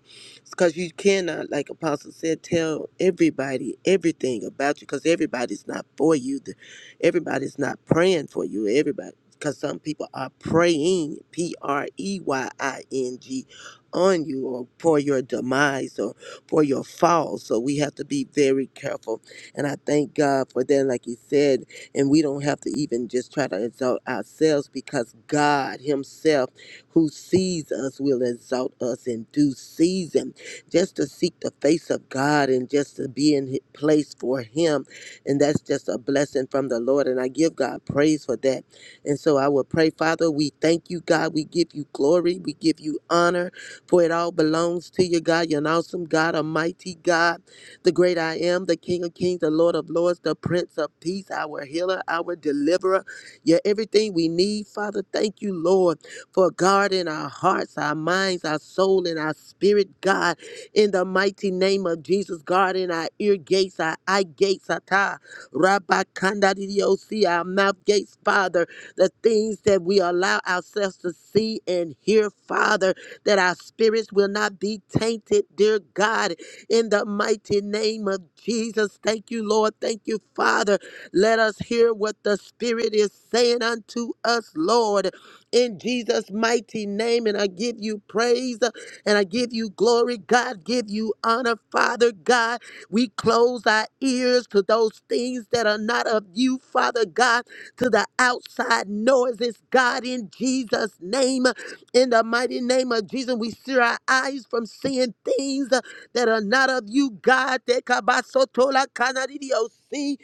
[SPEAKER 2] because you cannot, like Apostle said, tell everybody everything about you, because everybody's not for you. The- Everybody's not praying for you. Everybody, because some people are praying, P R E Y I N G, on you or for your demise or for your fall. So we have to be very careful. And I thank God for that. Like you said, and we don't have to even just try to exalt ourselves because God Himself, who sees us, will exalt us in due season. Just to seek the face of God and just to be in His place for Him. And that's just a blessing from the Lord. And I give God praise for that. And so I will pray, Father, we thank you, God. We give you glory. We give you honor, for it all belongs to you, God. You're an awesome God, a mighty God the great I am, the King of Kings, the Lord of Lords, the Prince of Peace, our healer, our deliverer. You're everything we need, Father. Thank you, Lord, for guarding our hearts, our minds, our soul, and our spirit, God. In the mighty name of Jesus, guarding our ear gates, our eye gates, our ta, rabakandadidiosi, our mouth gates, Father. The things that we allow ourselves to see and hear, Father, that our spirits will not be tainted, dear God in the mighty name of Jesus. Thank you, Lord. Thank you, Father. Let us hear what the Spirit is saying unto us, Lord, in Jesus' mighty name. And I give you praise and I give you glory, God. Give you honor, Father God. We close our ears to those things that are not of you, Father God, to the outside noises, God, in Jesus' name. In the mighty name of Jesus, we steer our eyes from seeing things that are not of you, God. Tekabasotola kanadidios.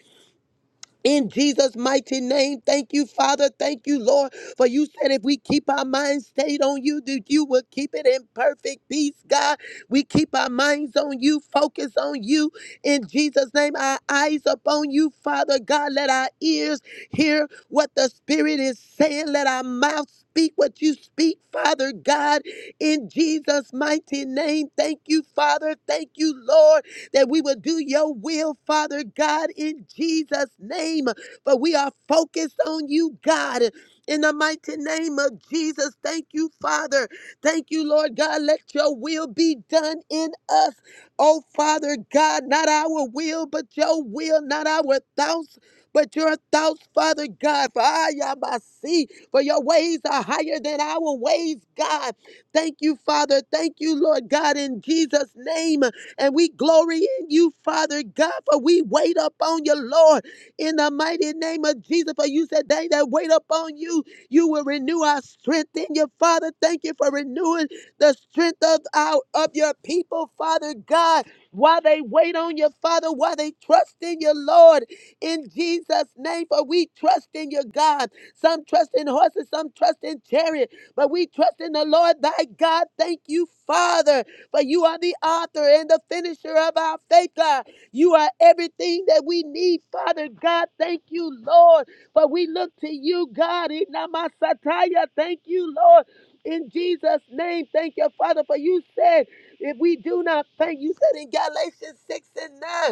[SPEAKER 2] In Jesus' mighty name, thank you, Father. Thank you, Lord. For you said if we keep our minds stayed on you, that you will keep it in perfect peace, God. We keep our minds on you, focus on you. In Jesus' name, our eyes upon you, Father God. Let our ears hear what the Spirit is saying. Let our mouth speak what you speak, Father God. In Jesus' mighty name, thank you, Father. Thank you, Lord that we would do your will, Father God, in Jesus' name. For we are focused on you, God. In the mighty name of Jesus, thank you, Father. Thank you, Lord God. Let your will be done in us. Oh, Father God, not our will, but your will, not our thoughts, but your thoughts, Father God. For I am a see, for your ways are higher than our ways, God. Thank you, Father. Thank you, Lord God, in Jesus' name. And we glory in you, Father God, for we wait upon you, Lord, in the mighty name of Jesus. For you said, They that wait upon you, you will renew our strength in you, Father. Thank you for renewing the strength of our of your people, Father God. While they wait on you, Father, while they trust in you, Lord, in Jesus' name, for we trust in you, God. Some trust in horses, some trust in chariot, but we trust in the Lord thy God. Thank you, Father. But you are the author and the finisher of our faith, God. You are everything that we need, Father God. Thank you, Lord. But we look to you, God. Inamasataya. Thank you, Lord. In Jesus' name, thank you, Father, for you said, if we do not thank, you said in Galatians 6 and 9,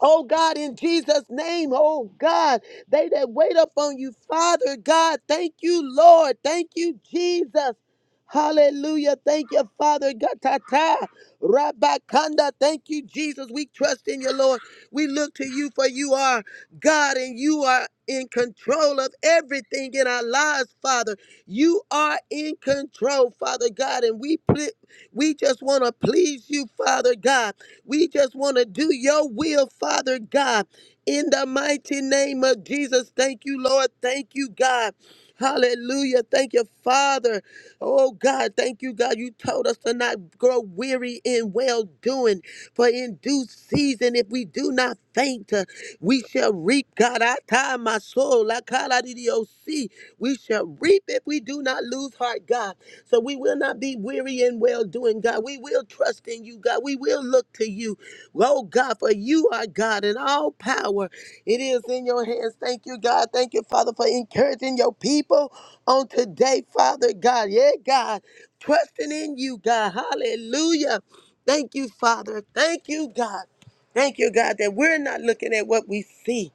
[SPEAKER 2] Oh God, in Jesus' name, oh God, they that wait upon you, Father God, thank you, Lord, thank you, Jesus. Hallelujah. Thank you, Father. Gatata. Rabakanda. Thank you, Jesus. We trust in you, Lord. We look to you for you are God and you are in control of everything in our lives, Father. You are in control, Father God, and we ple- we just want to please you, Father God. We just want to do your will, Father God. In the mighty name of Jesus, thank you, Lord. Thank you, God. Hallelujah. Thank you, Father. Oh, God. Thank you, God. You told us to not grow weary in well doing, for in due season, if we do not faint, uh, we shall reap. God, I tie my soul. La kala di di o si. We shall reap if we do not lose heart, God. So we will not be weary in well doing, God. We will trust in you, God. We will look to you. Oh, God, for you are God and all power. It is in your hands. Thank you, God. Thank you, Father, for encouraging your people on today, Father God. Yeah, God. Trusting in you, God. Hallelujah. Thank you, Father. Thank you, God. Thank you, God, that we're not looking at what we see.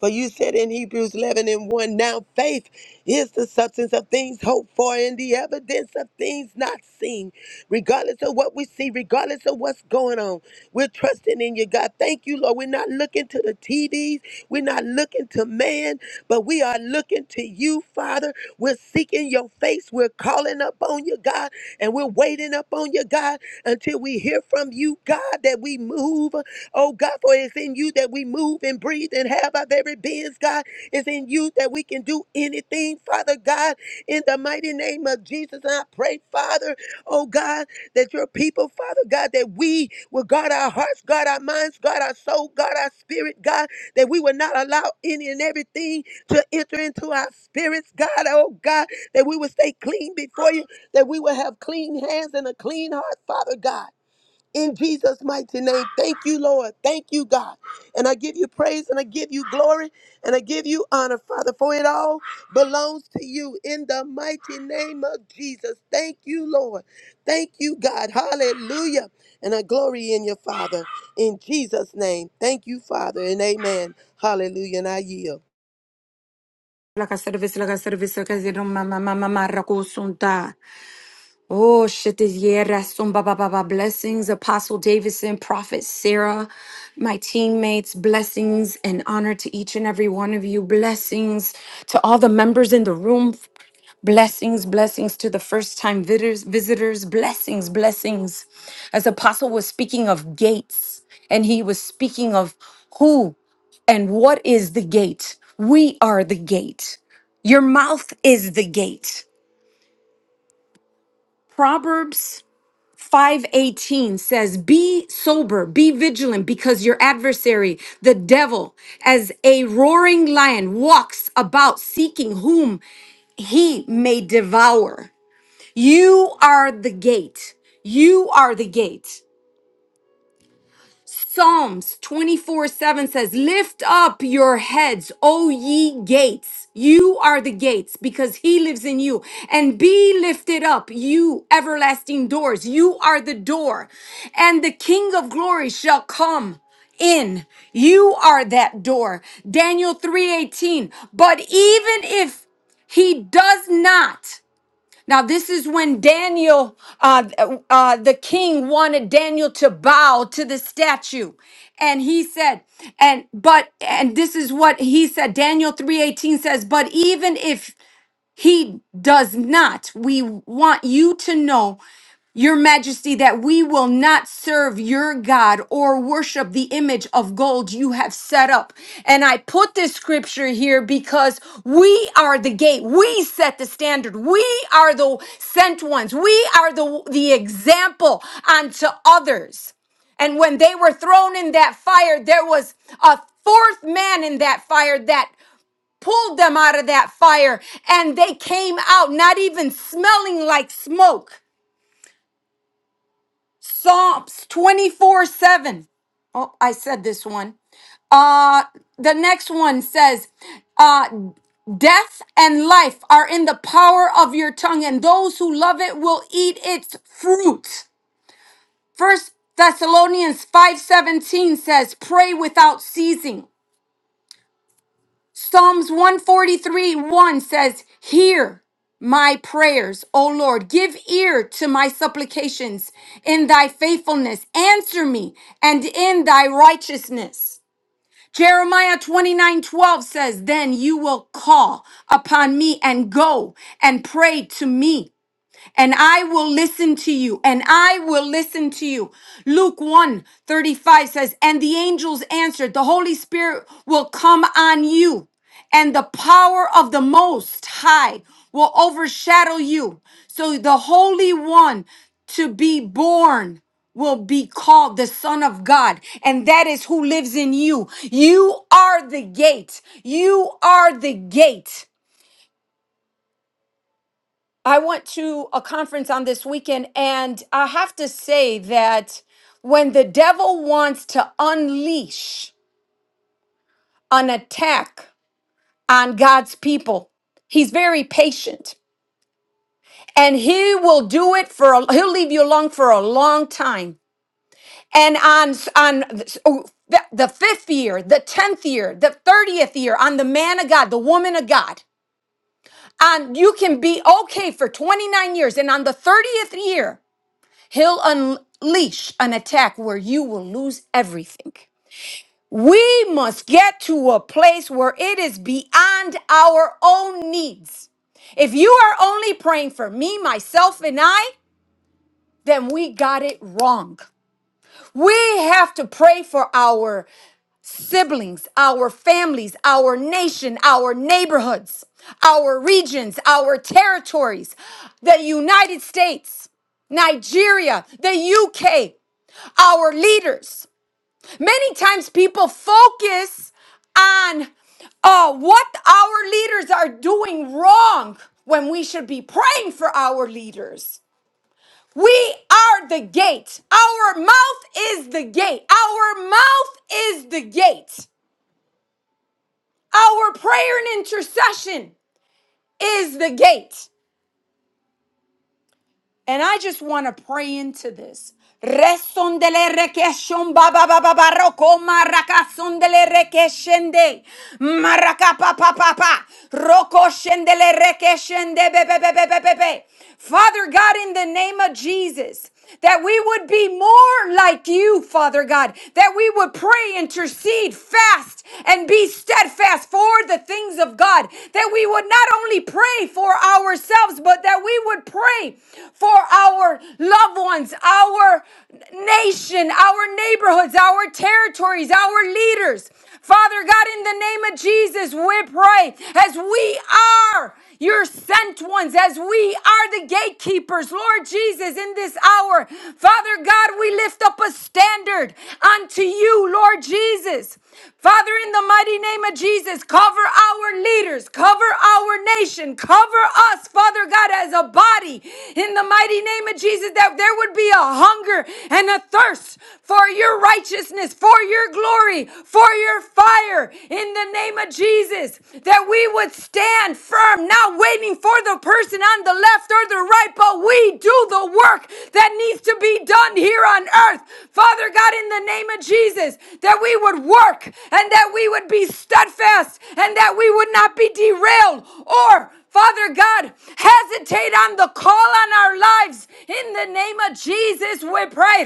[SPEAKER 2] For you said in Hebrews 11 and 1, now faith is the substance of things hoped for and the evidence of things not seen. Regardless of what we see, regardless of what's going on, we're trusting in you, God. Thank you, Lord. We're not looking to the TDs, we're not looking to man, but we are looking to you, Father. We're seeking your face, we're calling up on you, God, and we're waiting up on you, God, until we hear from you, God, that we move. Oh, God, for it's in you that we move and breathe and have our very beings, God. It's in you that we can do anything, Father God, in the mighty name of Jesus. And I pray, Father, oh God, that your people, Father God, that we will guard our hearts, guard our minds, guard our soul, guard our spirit, God, that we will not allow any and everything to enter into our spirits, God, oh God, that we will stay clean before you, that we will have clean hands and a clean heart, Father God in Jesus' mighty name. Thank you, Lord. Thank you, God. And I give you praise and I give you glory and I give you honor, Father, for it all belongs to you in the mighty name of Jesus. Thank you, Lord. Thank you, God. Hallelujah. And I glory in your Father in Jesus' name. Thank you, Father, and amen. Hallelujah. And I yield.
[SPEAKER 3] La casa de vez la casa de Laka service, laka service, kasi no mama mama mara kusunta. Oh, Shetizierra, Sumba Baba Baba, blessings, Apostle Davidson, Prophet Sarah, my teammates, blessings and honor to each and every one of you, blessings to all the members in the room, blessings, blessings to the first time visitors, visitors, blessings, blessings. As Apostle was speaking of gates, and he was speaking of who and what is the gate? We are the gate. Your mouth is the gate. Proverbs 518 says, Be sober, be vigilant, because your adversary, the devil, as a roaring lion, walks about seeking whom he may devour. You are the gate. You are the gate. Psalms 24 7 says, Lift up your heads, O ye gates. You are the gates because he lives in you. And be lifted up, you everlasting doors. You are the door. And the King of glory shall come in you are that door daniel 3:18 but even if he does not now, this is when Daniel, uh, uh, the king, wanted Daniel to bow to the statue, and he said, "And but and this is what he said." Daniel three eighteen says, "But even if he does not. We want you to know your majesty, that we will not serve your God or worship the image of gold you have set up. And I put this scripture here because we are the gate. We set the standard. We are the sent ones. We are the, the example unto others. And when they were thrown in that fire, there was a fourth man in that fire that pulled them out of that fire, and they came out not even smelling like smoke. Psalms 24 7. Oh, I said this one. Uh, the next one says, uh, Death and life are in the power of your tongue, and those who love it will eat its fruit. First Thessalonians 5:17 says, Pray without ceasing. Psalms 143 1 says, Hear my prayers, O Lord. Give ear to my supplications in thy faithfulness. Answer me and in thy righteousness. Jeremiah 29 12 says, Then you will call upon me and go and pray to me and I will listen to you, and I will listen to you. Luke one 35 says, And the angels answered, The Holy Spirit will come on you, and the power of the Most High will overshadow you. So the Holy One to be born will be called the Son of God, and that is who lives in you. You are the gate. You are the gate. I went to a conference on this weekend, and I have to say that when the devil wants to unleash an attack on God's people, he's very patient and he will do it for, a, he'll leave you alone for a long time. And on, on oh, the the fifth year, the 10th year, the 30th year, on the man of God, the woman of God, and you can be okay for 29 years. And on the 30th year, He'll unleash an attack where you will lose everything. We must get to a place where it is beyond our own needs. If you are only praying for me, myself, and I, then we got it wrong. We have to pray for our siblings, our families, our nation, our neighborhoods, our regions, our territories, the United States, Nigeria, the UK our leaders. Many times people focus on uh, what our leaders are doing wrong when we should be praying for our leaders. We are the gate. Our mouth is the gate. Our mouth is the gate. Our prayer and intercession is the gate. And I just want to pray into this. Resondele rekeshon ba ba ba ba ba maraka sondele rekeshende maraka pa pa pa pa roko shendele rekeshende be be be be be be be. Father God, in the name of Jesus that we would be more like you, Father God, that we would pray, intercede, fast, and be steadfast for the things of God, that we would not only pray for ourselves, but that we would pray for our loved ones, our nation, our neighborhoods, our territories, our leaders. Father God, in the name of Jesus, we pray as we are your sent ones, as we are the gatekeepers, Lord Jesus, in this hour. Father God, we lift up a standard unto you, Lord Jesus. Father, in the mighty name of Jesus, cover our leaders, cover our nation, cover us, Father God, as a body, in the mighty name of Jesus, that there would be a hunger and a thirst for your righteousness, for your glory, for your fire, in in the name of Jesus that we would stand firm, not waiting for the person on the left or the right, but we do the work that needs to be done here on earth. Father God, in the name of Jesus, that we would work and that we would be steadfast and that we would not be derailed or Father God, hesitate on the call on our lives. In the name of Jesus, we pray.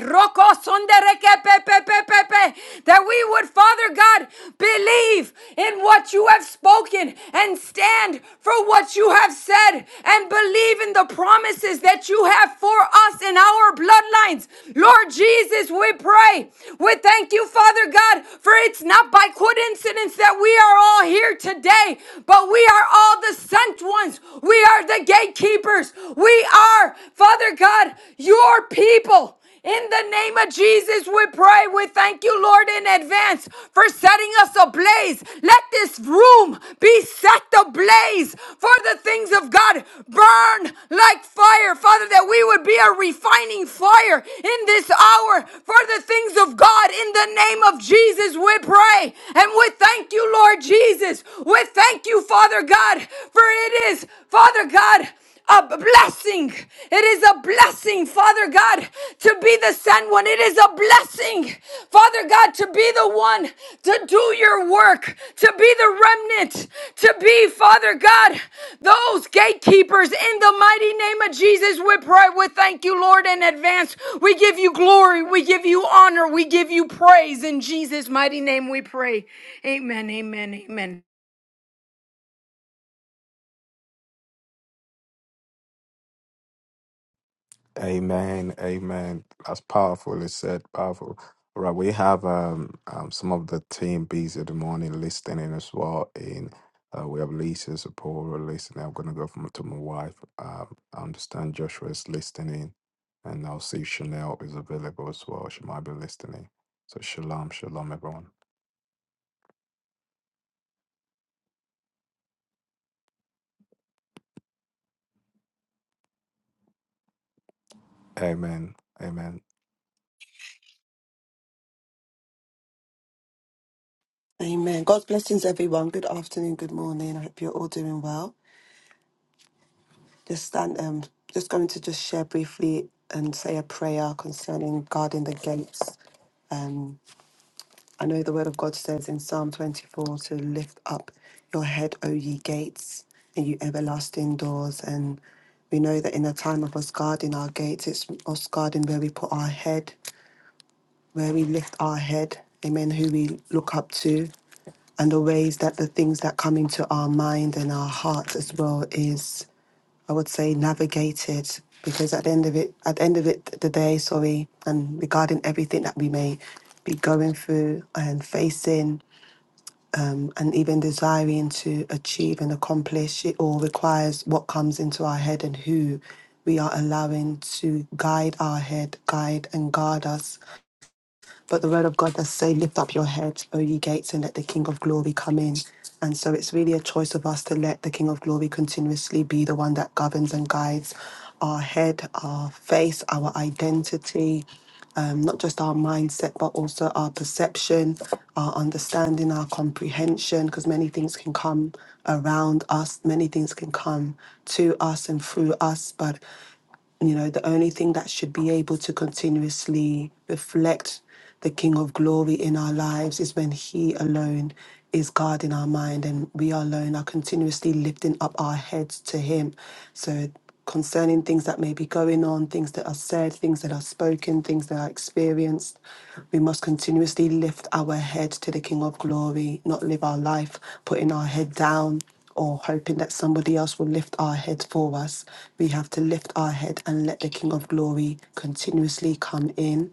[SPEAKER 3] That we would, Father God, believe in what you have spoken and stand for what you have said and believe in the promises that you have for us in our bloodlines. Lord Jesus, we pray. We thank you, Father God, for it's not by coincidence that we are all here today, but we are all the sent ones. We are the gatekeepers. We are, Father God, your people. In the name of Jesus, we pray. We thank you, Lord, in advance for setting us ablaze. Let this room be set ablaze for the things of God. Burn like fire, Father, that we would be a refining fire in this hour for the things of God. In the name of Jesus, we pray. And we thank you, Lord Jesus. We thank Thank you, Father God, for it is, Father God, a blessing. It is a blessing, Father God, to be the sent one. It is a blessing, Father God, to be the one to do your work, to be the remnant, to be, Father God, those gatekeepers in the mighty name of Jesus. We pray. We thank you, Lord, in advance. We give you glory. We give you honor. We give you praise. In Jesus' mighty name we pray. Amen. Amen. Amen.
[SPEAKER 1] Amen. Amen. That's powerful. It's said powerful. All right. We have um, um some of the team B's of the morning listening as well. In uh, we have Lisa Sapora listening. I'm gonna go from to my wife. Um, I understand you.
[SPEAKER 4] Amen. God's blessings, everyone. Good afternoon, good morning. I hope you're all doing well. Just stand, um, just going to just share briefly and say a prayer concerning guarding the gates. Um, I know the word of God says in Psalm 24 to lift up your head, O ye gates, and you everlasting doors. And we know that in a time of us guarding our gates, it's us guarding where we put our head, where we lift our head, amen, who we look up to. and the ways that the things that come into our mind and our heart as well is i would say navigated because at the end of it at the end of it the day sorry and regarding everything that we may be going through and facing um, and even desiring to achieve and accomplish it all requires what comes into our head and who we are allowing to guide our head guide and guard us but the word of God does say, Lift up your head, O ye gates, and let the King of glory come in. And so it's really a choice of us to let the King of glory continuously be the one that governs and guides our head, our face, our identity, um, not just our mindset, but also our perception, our understanding, our comprehension, because many things can come around us, many things can come to us and through us. But, you know, the only thing that should be able to continuously reflect the King of glory in our lives is when He alone is God in our mind and we alone are continuously lifting up our heads to Him. So, concerning things that may be going on, things that are said, things that are spoken, things that are experienced, we must continuously lift our head to the King of glory, not live our life putting our head down or hoping that somebody else will lift our head for us. We have to lift our head and let the King of Glory continuously come in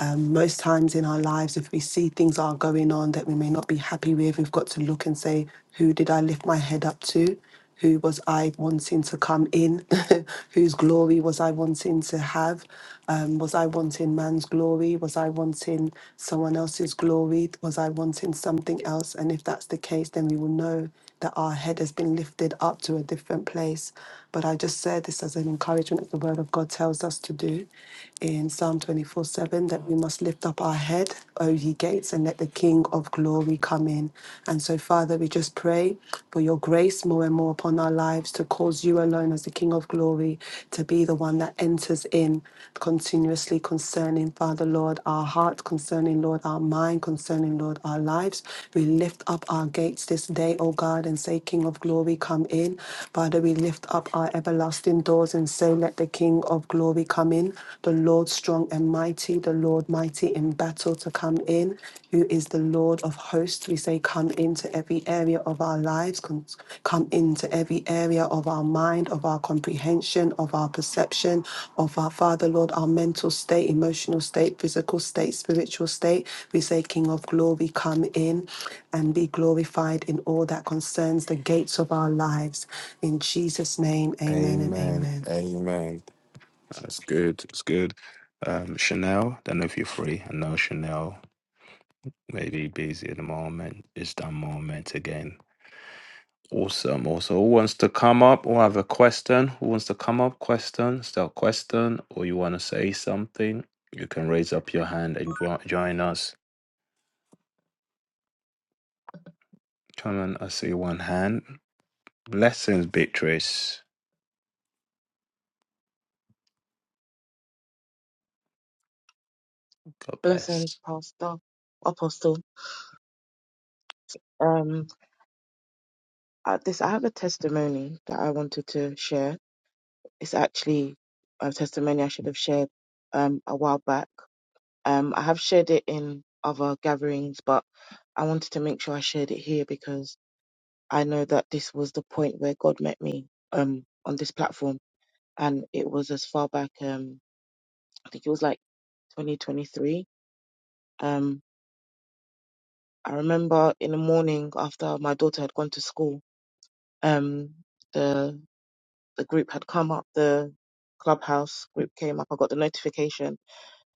[SPEAKER 4] um, most times in our lives, if we see things are going on that we may not be happy with, we've got to look and say, who did I lift my head up to? Who was I wanting to come in? Whose glory was I wanting to have? Um, was I wanting man's glory? Was I wanting someone else's glory? Was I wanting something else? And if that's the case, then we will know that our head has been lifted up to a different place. But I just said this as an encouragement as the word of God tells us to do in Psalm 24 7 that we must lift up our head, O ye gates, and let the King of glory come in. And so, Father, we just pray for your grace more and more upon our lives to cause you alone as the King of glory to be the one that enters in continuously concerning, Father. Father, Lord, our hearts concerning, Lord, our mind concerning, Lord, our lives. We lift up our gates this day, O God, and say, King of glory, come in. Father, we lift up our everlasting doors and say, Let the King of glory come in, the Lord strong and mighty, the Lord mighty in battle to come in, who is the Lord of hosts. We say, Come into every every area of our lives, con- come into every area of our mind, of our comprehension, of our perception, of our Father, Lord, our mental state, emotional state, physical state, spiritual state. We say, King of glory, come in and be glorified in all that concerns the gates of our lives. In Jesus' name, amen and
[SPEAKER 1] Amen.
[SPEAKER 4] amen.
[SPEAKER 1] And that's good. It's good. Um, Chanel. Don't know if you're free. I know Chanel may be busy at the moment. It's that moment again. Awesome, awesome. Who wants to come up or have a question? Who wants to come up? Question, still question, or you want to say something? You can raise up your hand and jo- join us. Come on, I see one hand. Blessings, Beatrice. God bless.
[SPEAKER 5] Blessings, Pastor, Apostle. Um, at this, I have a testimony that I wanted to share. It's actually a testimony I should have shared um, a while back. Um, I have shared it in other gatherings, but I wanted to make sure I shared it here because I know that this was the point where God met me um, on this platform, and it was as far back. Um, I think it was like 2023. Um, I remember in the morning after my daughter had gone to school. um the the group had come up the clubhouse group came up i got the notification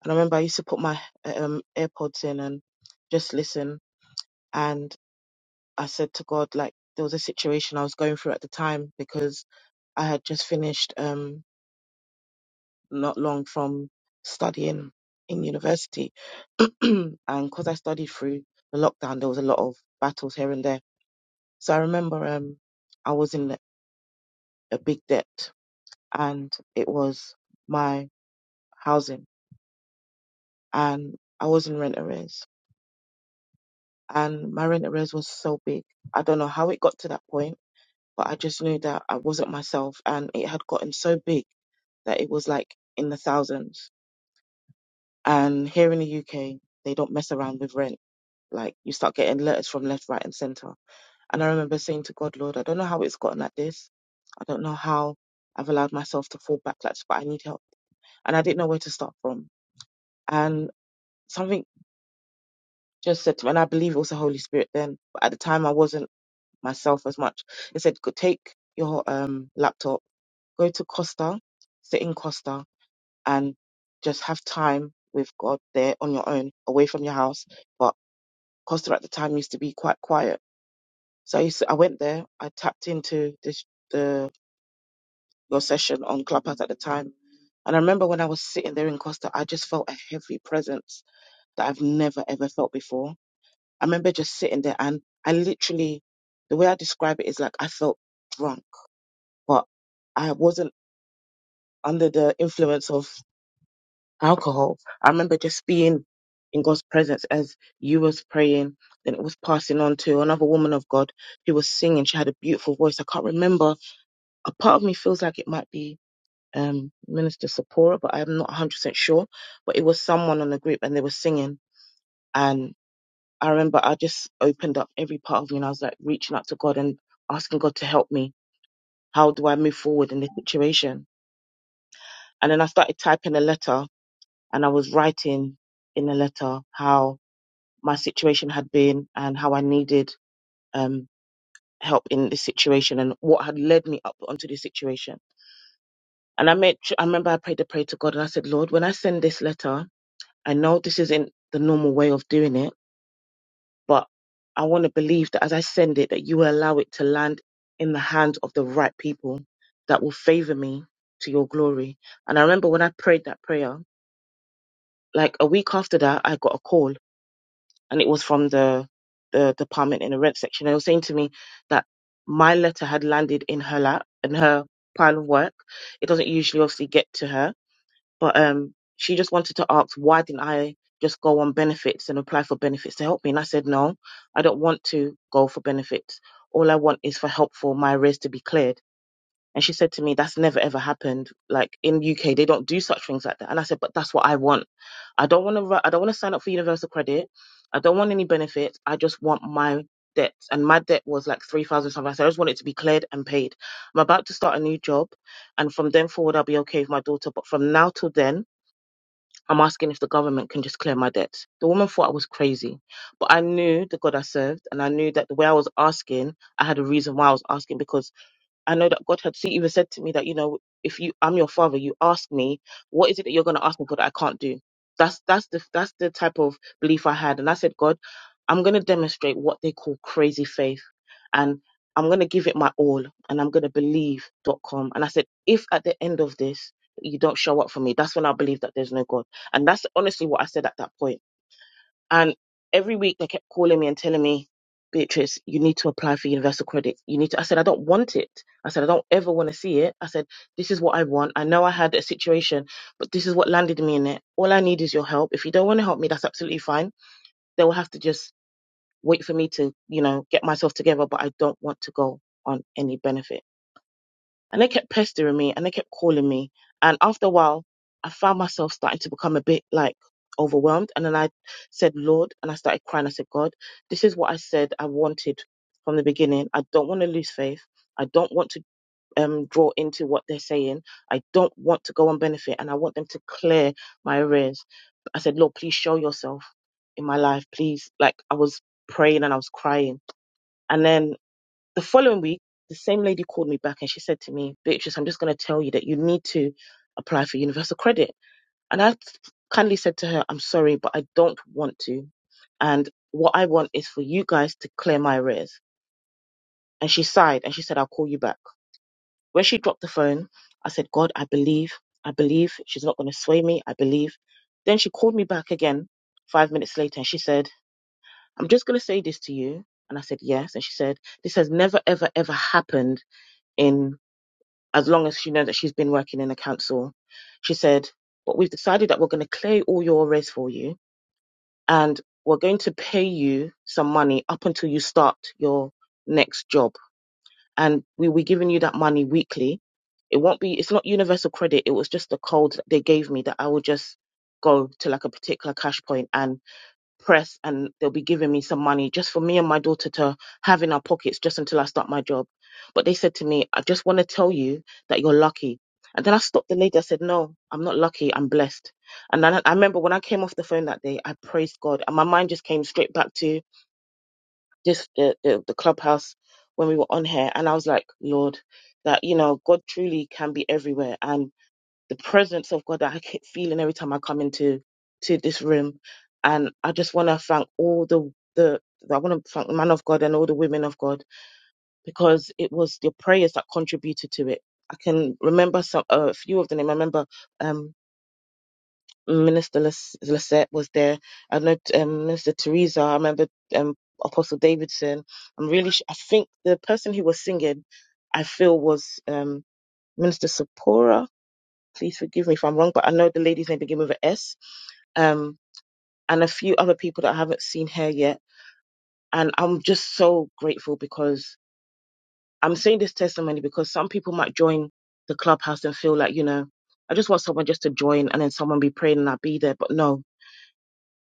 [SPEAKER 5] and i remember i used to put my um airpods in and just listen and i said to god like there was a situation i was going through at the time because i had just finished um not long from studying in university and because i studied through the lockdown there was a lot of battles here and there so i remember um i was in a big debt and it was my housing and I was in rent arrears and my rent arrears was so big. I don't know how it got to that point, but I just knew that I wasn't myself and it had gotten so big that it was like in the thousands. And here in the UK, they don't mess around with rent. Like you start getting letters from left, right, and center. And I remember saying to God, Lord, I don't know how it's gotten like this. I don't know how I've allowed myself to fall back like this, but I need help. And I didn't know where to start from. And something just said to me, and I believe it was the Holy Spirit then, but at the time I wasn't myself as much. It said, go take your um, laptop, go to Costa, sit in Costa, and just have time with God there on your own, away from your house. But Costa at the time used to be quite quiet. So I, used to, I went there, I tapped into this, the your session on Clubhouse at the time. And I remember when I was sitting there in Costa, I just felt a heavy presence that I've never ever felt before I remember just sitting there and I literally, the way I describe it is like I felt drunk, but I wasn't under the influence of alcohol. I remember just being in God's presence as you was praying, then it was passing on to another woman of God who was singing. She had a beautiful voice. I can't remember. A part of me feels like it might be um, Minister Sapora, but I'm not 100% sure. But it was someone on the group and they were singing. I remember I just opened up every part of me and I was like reaching out to God and asking God to help me. How do I move forward in this situation? And then I started typing a letter and I was writing in the letter how my situation had been and how I needed um, help in this situation and what had led me up onto this situation. And I made, I remember I prayed a prayer to God and I said, Lord, when I send this letter, I know this isn't the normal way of doing it But I want to believe that as I send it, that you will allow it to land in the hands of the right people that will favor me to your glory. And I remember when I prayed that prayer, like a week after that, I got a call and it was from the, the department in the rent section. They were saying to me that my letter had landed in her lap, in her pile of work. It doesn't usually obviously get to her but um she just wanted to ask why didn't i just go on benefits and apply for benefits to help me and i said no i don't want to go for benefits all i want is for help for my arrears to be cleared and she said to me that's never ever happened like in uk they don't do such things like that and i said but that's what i want i don't want to i don't want to sign up for universal credit i don't want any benefits i just want my debts and my debt was like 3000 something i said i just want it to be cleared and paid i'm about to start a new job and from then forward i'll be okay with my daughter but from now till then I'm asking if the government can just clear my debts. The woman thought I was crazy, but I knew the God I served, and I knew that the way I was asking, I had a reason why I was asking because I know that God had se- even said to me that, you know, if you I'm your father, you ask me, what is it that you're gonna ask me, God, that I can't do? That's that's the that's the type of belief I had. And I said, God, I'm gonna demonstrate what they call crazy faith and I'm gonna give it my all and I'm gonna believe dot com. And I said, if at the end of this you don't show up for me, that's when I believe that there's no God. And that's honestly what I said at that point. And every week they kept calling me and telling me, Beatrice, you need to apply for universal credit. You need to. I said, I don't want it. I said, I don't ever want to see it. I said, this is what I want. I know I had a situation, but this is what landed me in it. All I need is your help. If you don't want to help me, that's absolutely fine. They will have to just wait for me to, you know, get myself together, but I don't want to go on any benefit. And they kept pestering me and they kept calling me. And after a while, I found myself starting to become a bit like overwhelmed. And then I said, Lord, and I started crying. I said, God, this is what I said I wanted from the beginning. I don't want to lose faith. I don't want to um, draw into what they're saying. I don't want to go on benefit and I want them to clear my arrears. I said, Lord, please show yourself in my life. Please. Like I was praying and I was crying. And then the following week, the same lady called me back and she said to me, Beatrice, I'm just going to tell you that you need to apply for universal credit. And I kindly said to her, I'm sorry, but I don't want to. And what I want is for you guys to clear my arrears. And she sighed and she said, I'll call you back. When she dropped the phone, I said, God, I believe. I believe she's not going to sway me. I believe. Then she called me back again five minutes later and she said, I'm just going to say this to you. And I said, yes. And she said, this has never, ever, ever happened in as long as she knows that she's been working in the council. She said, But we've decided that we're going to clear all your arrears for you and we're going to pay you some money up until you start your next job. And we'll be giving you that money weekly. It won't be, it's not universal credit. It was just the code that they gave me that I would just go to like a particular cash point and press and they'll be giving me some money just for me and my daughter to have in our pockets just until I start my job. But they said to me, I just want to tell you that you're lucky. And then I stopped the lady. I said, No, I'm not lucky. I'm blessed. And then I, I remember when I came off the phone that day, I praised God. And my mind just came straight back to this, the, the, the clubhouse when we were on here. And I was like, Lord, that, you know, God truly can be everywhere. and the presence of God that I keep feeling every time I come into to this room. And I just want to thank all the the I want to thank the man of God and all the women of God because it was the prayers that contributed to it. I can remember some a few of them. I remember um, Minister Lis- Lisette was there. I know um, Minister Teresa. I remember um, Apostle Davidson. I'm really. Sh- I think the person who was singing, I feel was um, Minister Sapora Please forgive me if I'm wrong, but I know the lady's name begins with an S. Um, and a few other people that I haven't seen here yet. And I'm just so grateful because I'm saying this testimony because some people might join the clubhouse and feel like, you know, I just want someone just to join and then someone be praying and I'll be there. But no,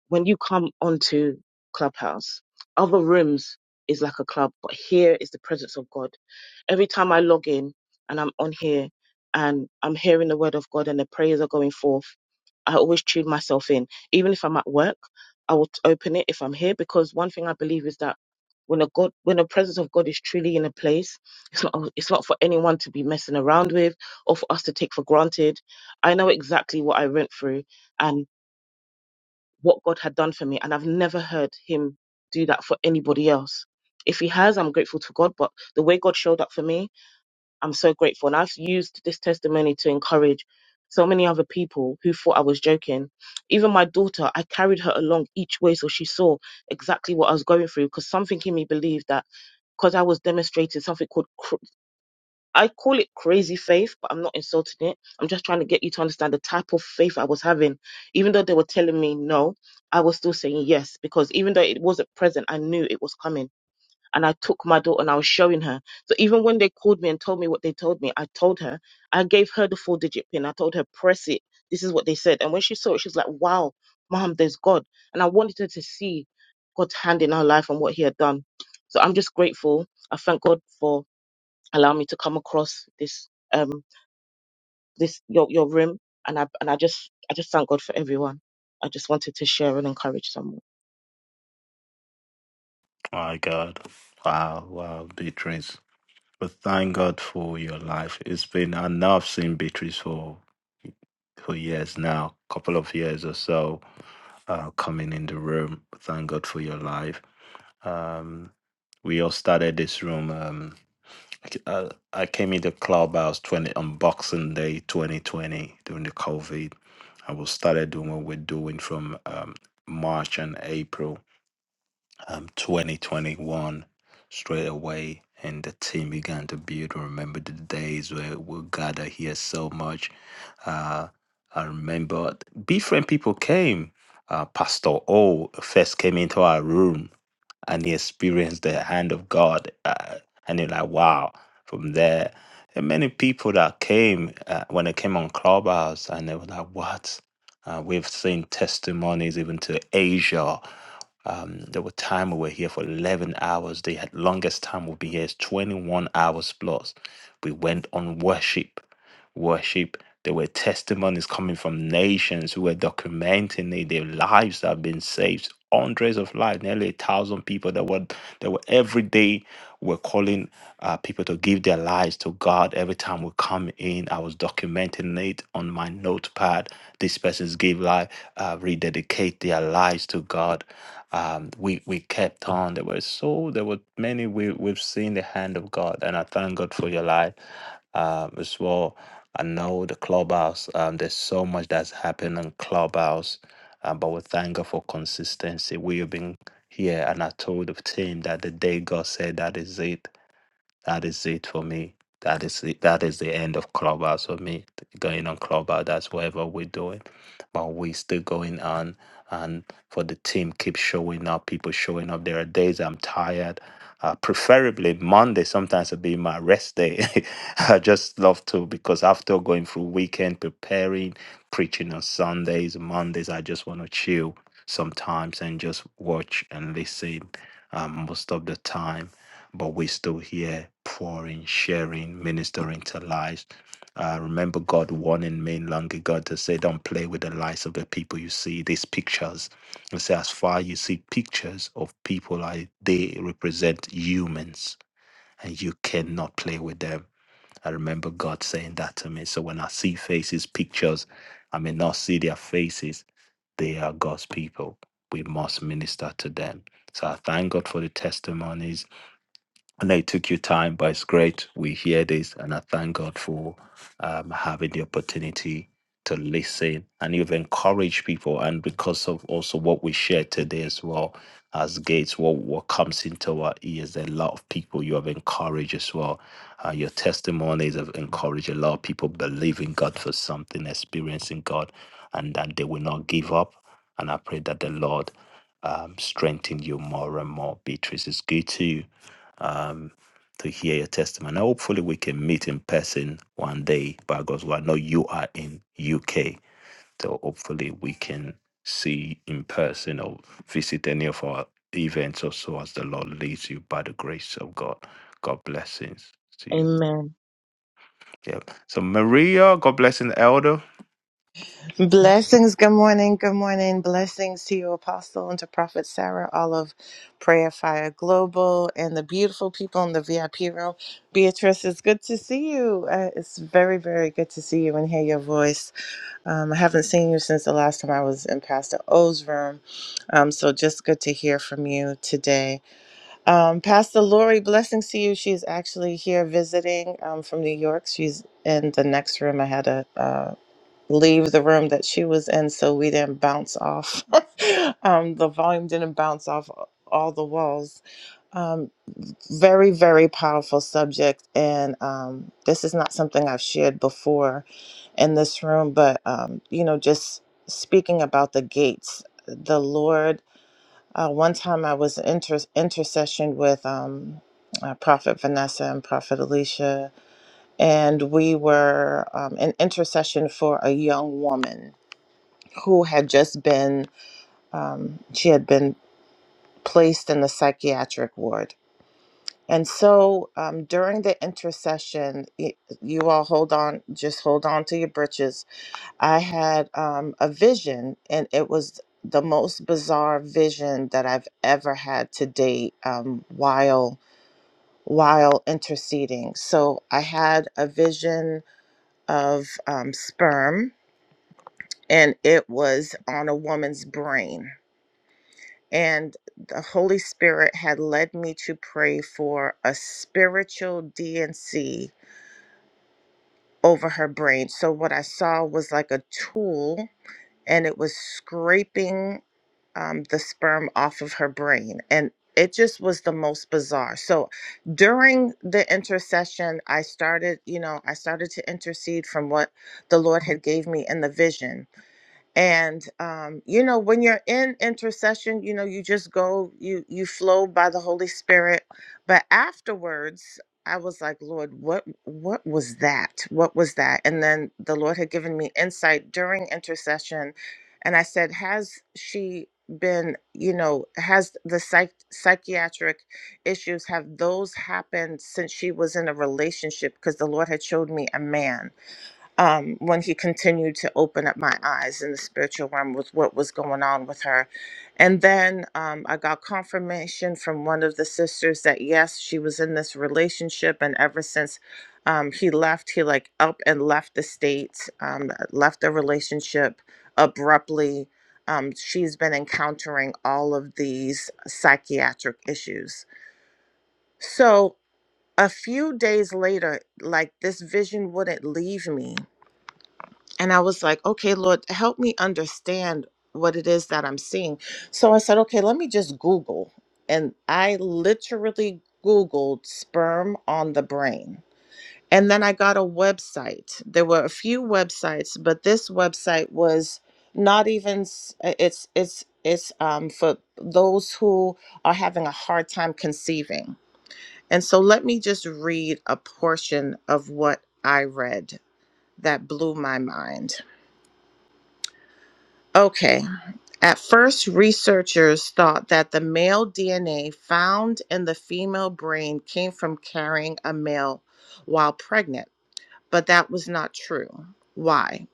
[SPEAKER 5] when you come onto clubhouse, other rooms is like a club, but here is the presence of God every time I log in and I'm on here and I'm hearing the word of God and the prayers are going forth, I always tune myself in. Even if I'm at work, I will t- open it if I'm here because one thing I believe is that when a God, when the presence of God is truly in a place, it's not it's not for anyone to be messing around with or for us to take for granted. I know exactly what I went through and what God had done for me, and I've never heard Him do that for anybody else. If He has, I'm grateful to God. But the way God showed up for me I'm so grateful. And I've used this testimony to encourage so many other people who thought I was joking. Even my daughter, I carried her along each way so she saw exactly what I was going through because something in me believed that because I was demonstrating something called, cr- I call it crazy faith, but I'm not insulting it. I'm just trying to get you to understand the type of faith I was having. Even though they were telling me no, I was still saying yes because even though it wasn't present, I knew it was coming and I took my daughter and I was showing her. So even when they called me and told me what they told me, I told her, I gave her the four digit pin. I told her, press it. This is what they said. And when she saw it, she was like, wow, mom, there's God. And I wanted her to see God's hand in her life and what he had done. So I'm just grateful. I thank God for allowing me to come across this, um, this, your, your room. And I, and I just, I just thank God for everyone. I just wanted to share and encourage someone.
[SPEAKER 1] My God. Wow, wow, Beatrice. But thank God for your life. It's been, I know I've seen Beatrice for, for years now, couple of years or so, uh, coming in the room. Thank God for your life Um, we all started this room. Um, I, I came into Clubhouse twenty on Boxing Day twenty twenty during the COVID, and we started doing what we're doing from um, March and April um, 2021 straight away and the team began to build. I remember the days where we gather here so much. Uh, I remember different people came. Uh, Pastor O first came into our room and he experienced the hand of God. Uh, and you're like, wow, from there. And many people that came uh, when they came on Clubhouse and they were like, what? Uh, we've seen testimonies even to Asia um, there were time we were here for 11 hours. The had- longest time we'll be here is 21 hours plus. We went on worship, worship. There were testimonies coming from nations who were documenting it, their lives that have been saved. Hundreds of lives, nearly a thousand people that were that were every day were calling uh, people to give their lives to God. Every time we come in, I was documenting it on my notepad. These persons gave life, uh, rededicate their lives to God um, we we kept on. There were so there were many we we've seen the hand of God, and I thank God for your life um, as well. I know the clubhouse. Um, there's so much that's happened in clubhouse, um, but we thank God for consistency. We have been here, and I told the team that the day God said that is it. That is it for me. That is the, that is the end of Clubhouse for me. Going on Clubhouse, that's whatever we're doing, but we still going on. And for the team, keep showing up. People showing up. There are days I'm tired. Uh, preferably Monday. Sometimes it'll be my rest day. I just love to because after going through weekend preparing, preaching on Sundays, Mondays, I just want to chill sometimes and just watch and listen um, most of the time but we're still here pouring, sharing, ministering to lives. Uh, remember God warning me long ago to say, don't play with the lives of the people you see, these pictures. And say, as far you see pictures of people, like they represent humans and you cannot play with them. I remember God saying that to me. So when I see faces, pictures, I may not see their faces. They are God's people. We must minister to them. So I thank God for the testimonies. And I took your time, but it's great. We hear this, and I thank God for um, having the opportunity to listen. And you've encouraged people, and because of also what we shared today as well as Gates, what what comes into our ears, a lot of people you have encouraged as well. Uh, your testimonies have encouraged a lot of people believing God for something, experiencing God, and that they will not give up. And I pray that the Lord um, strengthen you more and more. Beatrice, it's good too um, to hear your testimony. Now, hopefully, we can meet in person one day by God's will. I know you are in UK, so hopefully, we can see in person or visit any of our events or so as the Lord leads you by the grace of God. God blessings to you.
[SPEAKER 5] Amen.
[SPEAKER 1] Yeah. So, Maria, God blessing the elder.
[SPEAKER 6] Blessings. Good morning. Good morning. Blessings to you, Apostle, and to Prophet Sarah, all of Prayer Fire Global, and the beautiful people in the VIP room. Beatrice, it's good to see you. Uh, it's very, very good to see you and hear your voice. Um, I haven't seen you since the last time I was in Pastor O's room, um, so just good to hear from you today. Um, Pastor Lori, blessings to you. She's actually here visiting um, from New York. She's in the next room. I had a. uh, leave the room that she was in so we didn't bounce off um, the volume didn't bounce off all the walls um, very very powerful subject and um, this is not something i've shared before in this room but um, you know just speaking about the gates the lord uh, one time i was inter- intercession with um, uh, prophet vanessa and prophet alicia and we were um, an intercession for a young woman who had just been um, she had been placed in the psychiatric ward and so um, during the intercession y- you all hold on just hold on to your britches i had um, a vision and it was the most bizarre vision that i've ever had to date um, while while interceding so i had a vision of um, sperm and it was on a woman's brain. And the Holy Spirit had led me to pray for a spiritual DNC over her brain. So, what I saw was like a tool, and it was scraping um, the sperm off of her brain. And it just was the most bizarre. So, during the intercession, I started, you know, I started to intercede from what the Lord had gave me in the vision and um, you know when you're in intercession you know you just go you you flow by the holy spirit but afterwards i was like lord what what was that what was that and then the lord had given me insight during intercession and i said has she been you know has the psych- psychiatric issues have those happened since she was in a relationship because the lord had showed me a man um, when he continued to open up my eyes in the spiritual realm with what was going on with her. And then um, I got confirmation from one of the sisters that yes, she was in this relationship. And ever since um, he left, he like up and left the state, um, left the relationship abruptly. Um, she's been encountering all of these psychiatric issues. So a few days later, like this vision wouldn't leave me and I was like, okay, Lord, help me understand what it is that I'm seeing. So I said, okay, let me just Google. And I literally Googled sperm on the brain. And then I got a website. There were a few websites, but this website was not even s- uh, it's it's it's um for those who are having a hard time conceiving. And so let me just read a portion of what I read that blew my mind. Okay. At first, researchers thought that the male DNA found in the female brain came from carrying a male while pregnant, but that was not true. Why?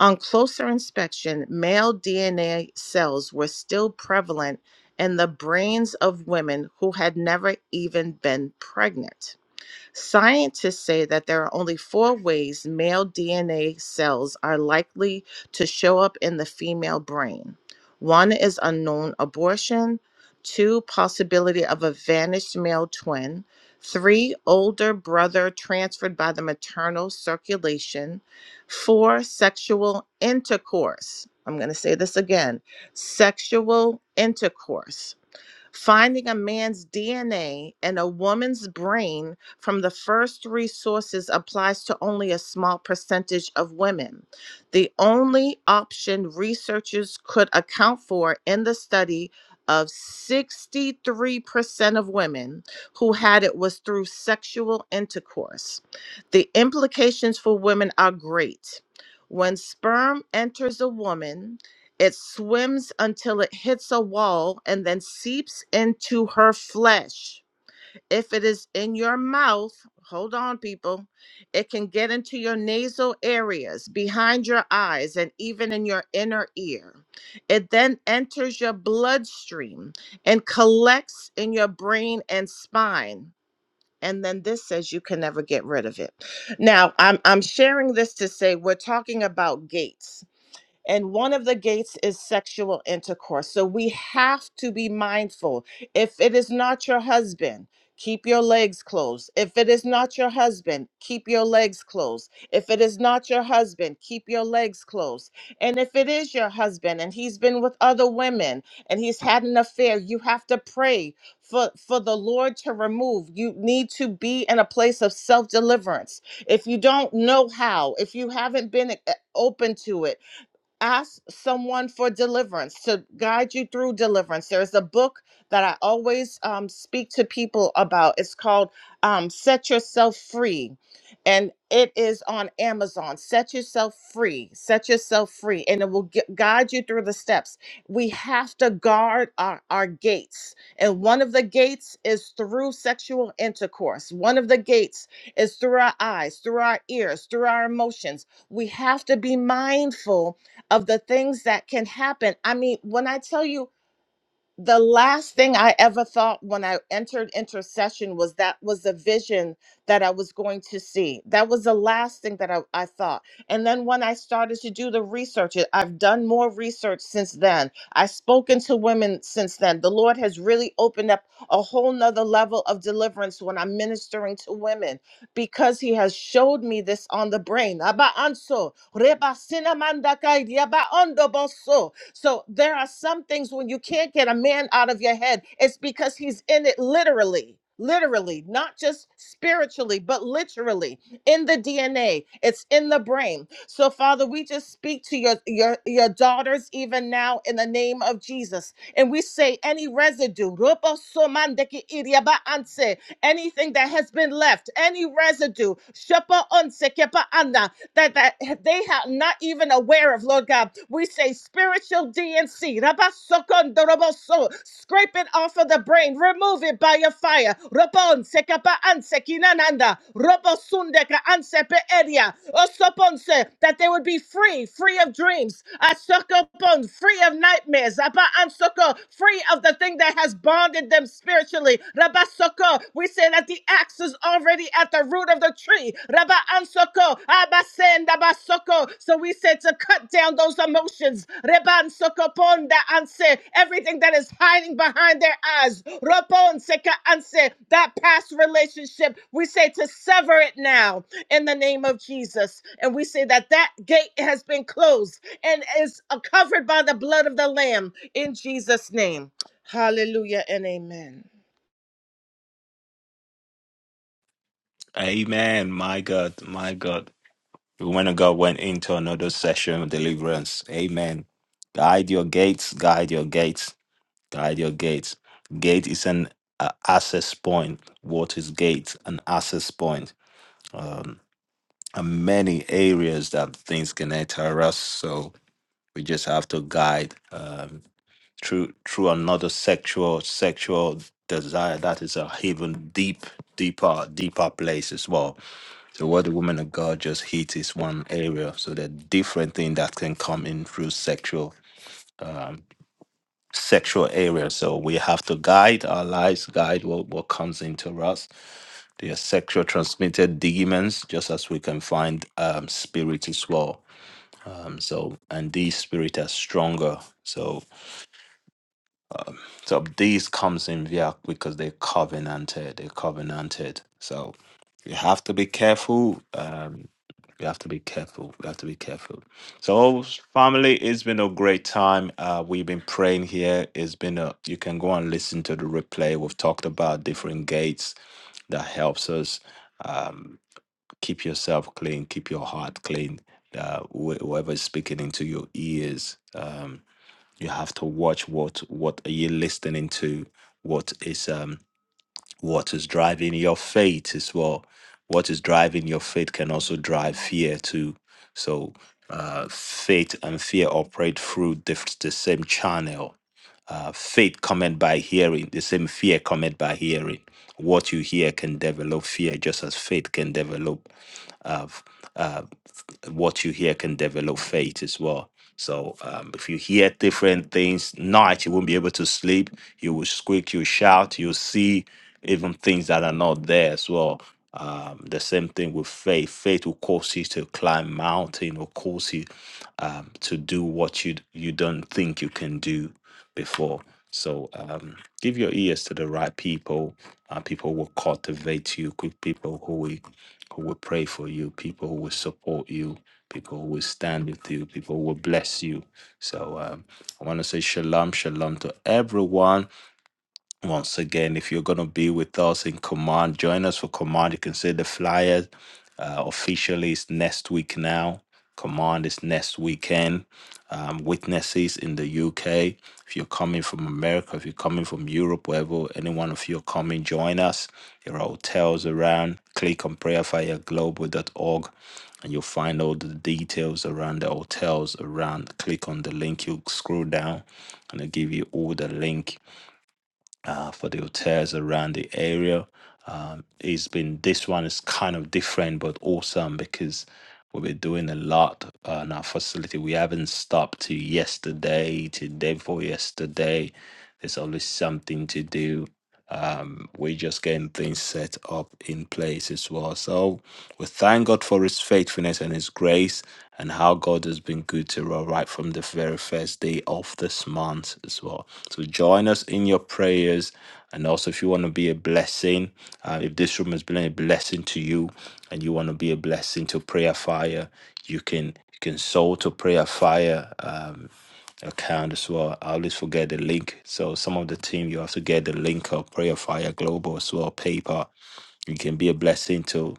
[SPEAKER 6] On closer inspection, male DNA cells were still prevalent in the brains of women who had never even been pregnant. Scientists say that there are only four ways male DNA cells are likely to show up in the female brain. One is unknown abortion, two, possibility of a vanished male twin, three, older brother transferred by the maternal circulation, four, sexual intercourse. I'm going to say this again sexual intercourse Finding a man's DNA in a and a woman's brain from the first three sources applies to only a small percentage of women. The only option researchers could account for in the study of 63% of women who had it was through sexual intercourse. The implications for women are great. When sperm enters a woman, it swims until it hits a wall and then seeps into her flesh. If it is in your mouth, hold on, people, it can get into your nasal areas, behind your eyes, and even in your inner ear. It then enters your bloodstream and collects in your brain and spine. And then this says you can never get rid of it. Now, I'm, I'm sharing this to say we're talking about gates and one of the gates is sexual intercourse. So we have to be mindful. If it is not your husband, keep your legs closed. If it is not your husband, keep your legs closed. If it is not your husband, keep your legs closed. And if it is your husband and he's been with other women and he's had an affair, you have to pray for, for the Lord to remove. You need to be in a place of self deliverance. If you don't know how, if you haven't been uh, open to it, ask someone for deliverance to guide you through deliverance there's a book that i always um, speak to people about it's called um, set yourself free and it is on amazon set yourself free set yourself free and it will gu- guide you through the steps we have to guard our, our gates and one of the gates is through sexual intercourse one of the gates is through our eyes through our ears through our emotions we have to be mindful of the things that can happen. I mean, when I tell you the last thing I ever thought when I entered intercession was that was the vision that I was going to see. That was the last thing that I, I thought. And then when I started to do the research, it- I've done more research since then. I've spoken to women since then. The Lord has really opened up a whole nother level of deliverance when I'm ministering to women because He has showed me this on the brain. Aba anso, reba sinamanda kai, diaba ondo boso. So there are some things when you can't get a man out of your head, it's because he's in it literally. Literally, not just spiritually, but literally in the DNA. It's in the brain. So, Father, we just speak to your, your, your daughters even now in the name of Jesus. And we say any residue, ruposomandeki iriabaanse, anything that has been left, any residue, shepa onse kepa anda that that they are not even aware of, Lord God. We say spiritual DNC, rabasokondoroboso, scrape it off of the brain, remove it by your fire. Rabon sekapa anse kinananda, robosundeka ansepe eria, osoponse, that they would be free, free of dreams, asokopon, free of nightmares, aba ansoko, free of the thing that has bonded them spiritually. Rabba Soko, we say that the axe is already at the root of the tree. Rabba Ansoko, Abba Sen, Rabba Soko. So we say to cut down those emotions. Reban Soko Ponda Anse, everything that is hiding behind their eyes. Robon Seka Anse, that past relationship, we say to sever it now in the name of Jesus. And we say that that gate has been closed and is uh, covered by the blood of the Lamb in Jesus' name. Hallelujah and amen.
[SPEAKER 1] Amen. My God, my God. The woman of God went into another session of deliverance. Amen. Guide your gates, guide your gates Guide Your gates. Gate is an uh, access point. What is gate? An access point. Um, and many areas that things can enter us. So we just have to guide um, through through another sexual sexual desire. That is a even deep, deeper, deeper place as well. So what the woman of God just hit is one area. So there are different things that can come in through sexual. um, sexual area. So we have to guide our lives, guide what, what comes into us. There are sexual transmitted demons, just as we can find um, spirits as well. Um, so, and these spirits are stronger. So so this comes in via because they covenanted, they covenanted. So you have to be careful. Um, you have to be careful. You have to be careful. So family, it's been a great time. Uh, we've been praying here. It's been a. You can go and listen to the replay. We've talked about different gates that helps us um, keep yourself clean, keep your heart clean. Uh, wh- whoever is speaking into your ears. uh, you have to watch what what are you listening to what is um what is driving your faith as well what is driving your faith can also drive fear too so uh faith and fear operate through the, the same channel uh, faith cometh by hearing, the same fear cometh by hearing. What you hear can develop fear, just as faith can develop. Uh, f- uh, what you hear can develop faith as well. So um, if you hear different things, night you won't be able to sleep. You will squeak, you shout, you see even things that are not there as well. Um, the same thing with faith. Faith will cause you to climb mountain or cause you um, to do what you you don't think you can do before. So um, give your ears to the right people. Uh, people will cultivate you. good People who will who will pray for you. People who will support you. People who will stand with you. People who will bless you. So um, I want to say shalom, shalom to everyone once again, if you're going to be with us in Command, join us for Command. You can see the flyer uh, officially is next week now. Command is next weekend. Um, witnesses in the UK. If you're coming from America, if you're coming from Europe, wherever any one of you are coming, join us. There are hotels around. Click on prayerfireglobal.org and you'll find all the details around the hotels around. Click on the link, you'll scroll down and it'll give you all the link uh, for the hotels around the area. Um, it's been this one is kind of different but awesome because we've been doing a lot on our facility. We haven't stopped to yesterday, to day before yesterday. There's always something to do we just getting things set up in place as well. So we thank God for His faithfulness and His grace, and how God has been good to us right from the very first day of this month as well. So join us in your prayers, and also if you want to be a blessing, uh, if this room has been a blessing to you, and you want to be a blessing to Prayer Fire, you can you can sow to Prayer Fire. Um, account as well. I always forget the link. So some of the team you have to get the link of Prayer Fire Global as well, PayPal. You can be a blessing to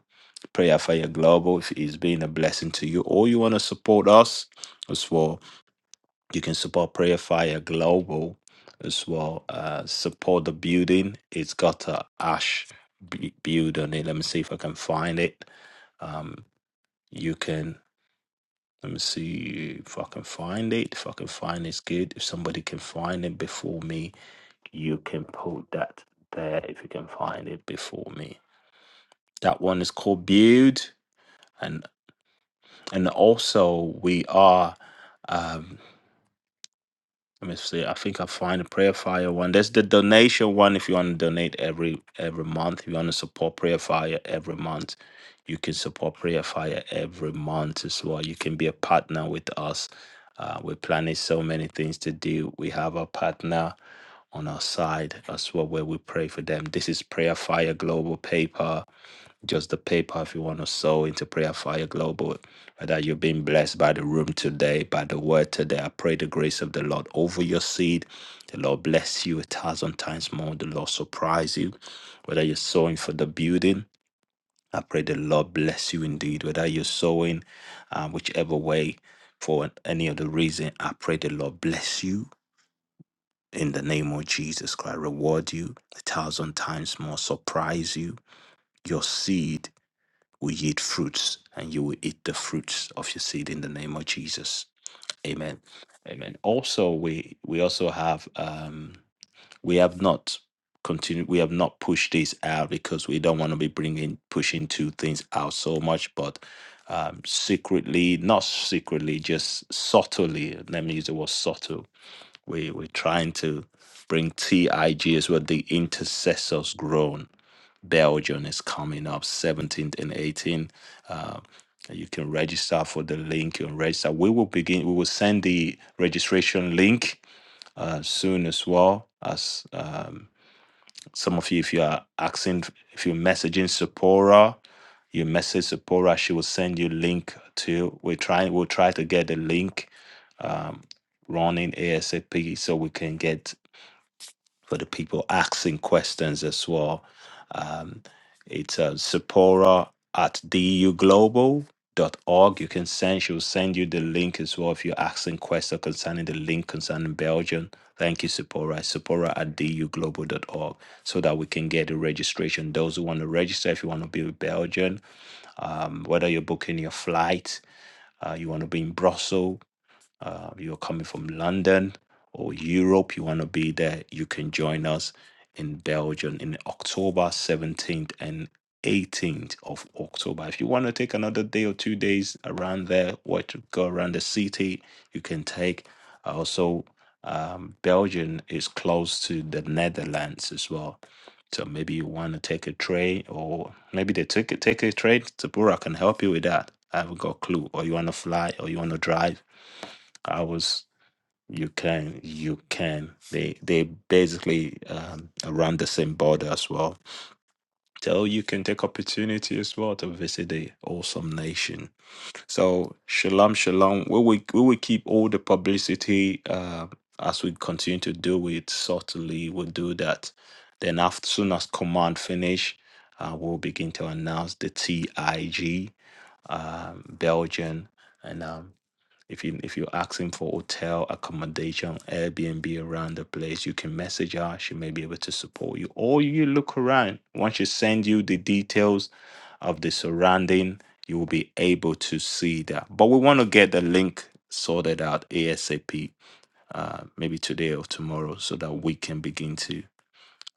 [SPEAKER 1] Prayer Fire Global if it's been a blessing to you. Or you want to support us as well. You can support Prayer Fire Global as well. Uh, support the building. It's got a ash b- build on it. Let me see if I can find it. Um, you can. Let me see if I can find it. If I can find it's good. If somebody can find it before me, you can put that there if you can find it before me. That one is called Build. And and also we are um, Let me see. I think I find a prayer fire one. There's the donation one. If you want to donate every every month, if you want to support prayer fire every month, you can support prayer fire every month as well. You can be a partner with us. Uh, we're planning so many things to do. We have a partner on our side as well where we pray for them. This is prayer fire global paper just the PayPal if you want to sow into Prayer Fire Global. Whether you've been blessed by the room today, by the word today. I pray the grace of the Lord over your seed. The Lord bless you a thousand times more. The Lord surprise you. Whether you're sowing for the building, I pray the Lord bless you indeed. Whether you're sowing, uh, whichever way, for any other reason, I pray the Lord bless you in the name of Jesus Christ. Reward you a thousand times more. Surprise you. Your seed will yield fruits, and you will eat the fruits of your seed in the name of Jesus. Amen. Amen. Also, we we also have um we have not continued we have not pushed this out because we don't want to be bringing pushing two things out so much, but um secretly, not secretly, just subtly. Let me use the word subtle. We we're trying to bring TIG as well, the intercessors grown Belgium is coming up 17th and 18th. Uh, you can register for the link and register. We will begin, we will send the registration link uh, soon as well. As um, some of you, if you are asking, if you're messaging Sephora, you message Sephora, she will send you link to. We're trying, we'll try to get the link um, running ASAP so we can get for the people asking questions as well um, it's uh, Sephora at duglobal dot org. You can send, she will send you the link as well if you're asking questions concerning the link concerning Belgium. Thank you, Sephora. Sephora at duglobal dot org, so that we can get the registration. Those who want to register, if you want to be with Belgium, um, whether you're booking your flight, uh, you want to be in Brussels, uh, you're coming from London or Europe, you want to be there, you can join us in Belgium in October 17th and 18th of October. If you want to take another day or two days around there, or to go around the city, you can take. Also, um, Belgium is close to the Netherlands as well. So maybe you want to take a train, or maybe they take a, take a train. Tabura can help you with that. I haven't got a clue. Or you want to fly, or you want to drive I was you can you can they they basically um, around the same border as well. So you can take opportunity as well to visit the awesome nation. So shalom shalom. We will we will keep all the publicity uh, as we continue to do it subtly. We'll do that. Then after soon as command finish, uh, we'll begin to announce the TIG um, Belgian. and um, if you if you're asking for hotel accommodation, Airbnb around the place, you can message her. She may be able to support you. Or you look around. Once she send you the details of the surrounding, you will be able to see that. But we want to get the link sorted out ASAP, uh, maybe today or tomorrow, so that we can begin to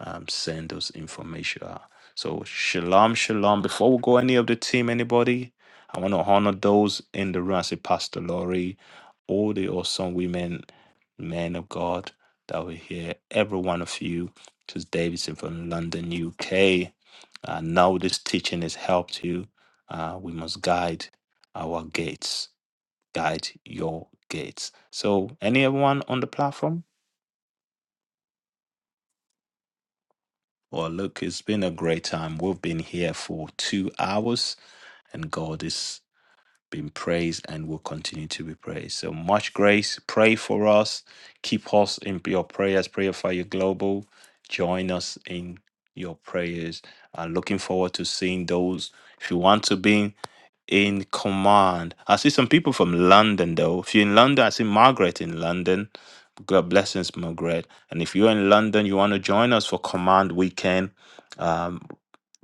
[SPEAKER 1] um, send those information out. So shalom, shalom. Before we go any of the team, anybody, I want to honor those in the room. I say Pastor Lori, all the awesome women, men of God that were here, every one of you. This is Davidson from London, UK. I know this teaching has helped you. Uh, we must guide our gates. Guide your gates. So, any everyone on the platform? Well, look, it's been a great time. We've been here for two hours, and God is been praised and will continue to be praised. So much grace. Pray for us. Keep us in your prayers. Prayer Fire Global. Join us in your prayers. I'm looking forward to seeing those. If you want to be in command, I see some people from London though. If you're in London, I see Margaret in London. God blessings, Margaret. And if you're in London, you want to join us for Command Weekend um,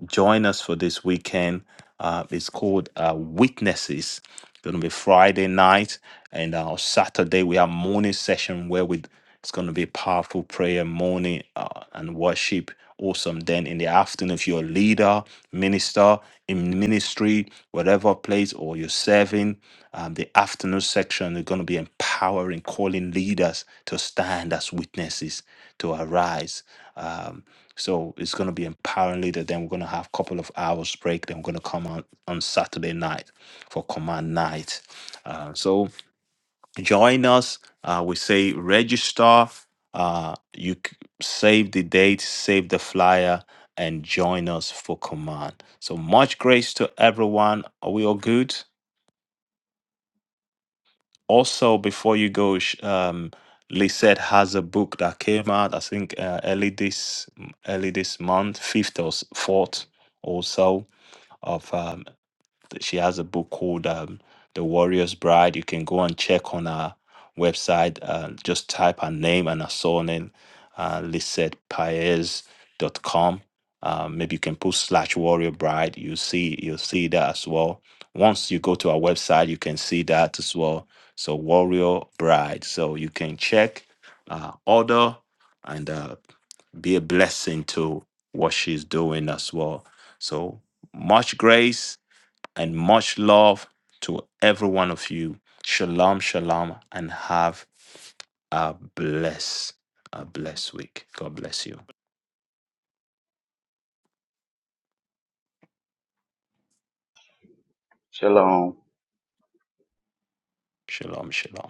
[SPEAKER 1] join us for this weekend. Uh, it's called uh, Witnesses. It's going to be Friday night, and uh, Saturday we have morning session where we it's going to be powerful prayer morning uh, and worship. Awesome. Then in the afternoon, if you're a leader, minister in ministry, whatever place, or you're serving, um, the afternoon section is going to be empowering, calling leaders to stand as witnesses to arise. Um, so it's going to be empowering leader. Then we're going to have a couple of hours break. Then we're going to come on on Saturday night for command night. Uh, so join us. Uh, we say register. Uh, you c- save the date, save the flyer, and join us for command. So much grace to everyone. Are we all good? also before you go sh- um lisette has a book that came out i think uh, early this early this month fifth or s- fourth or so of um, she has a book called um, The Warrior's Bride. You can go and check on her website. Uh, just type her name and her surname, uh, lisetpaez.com. Uh, maybe you can put slash warrior bride. You see, you'll see that as well. Once you go to our website, you can see that as well. So warrior bride. So you can check, uh, order, and uh, be a blessing to what she's doing as well. So much grace and much love to every one of you. Shalom, shalom, and have a blessed, a blessed week. God bless you.
[SPEAKER 7] Shalom.
[SPEAKER 1] Shalom, shalom.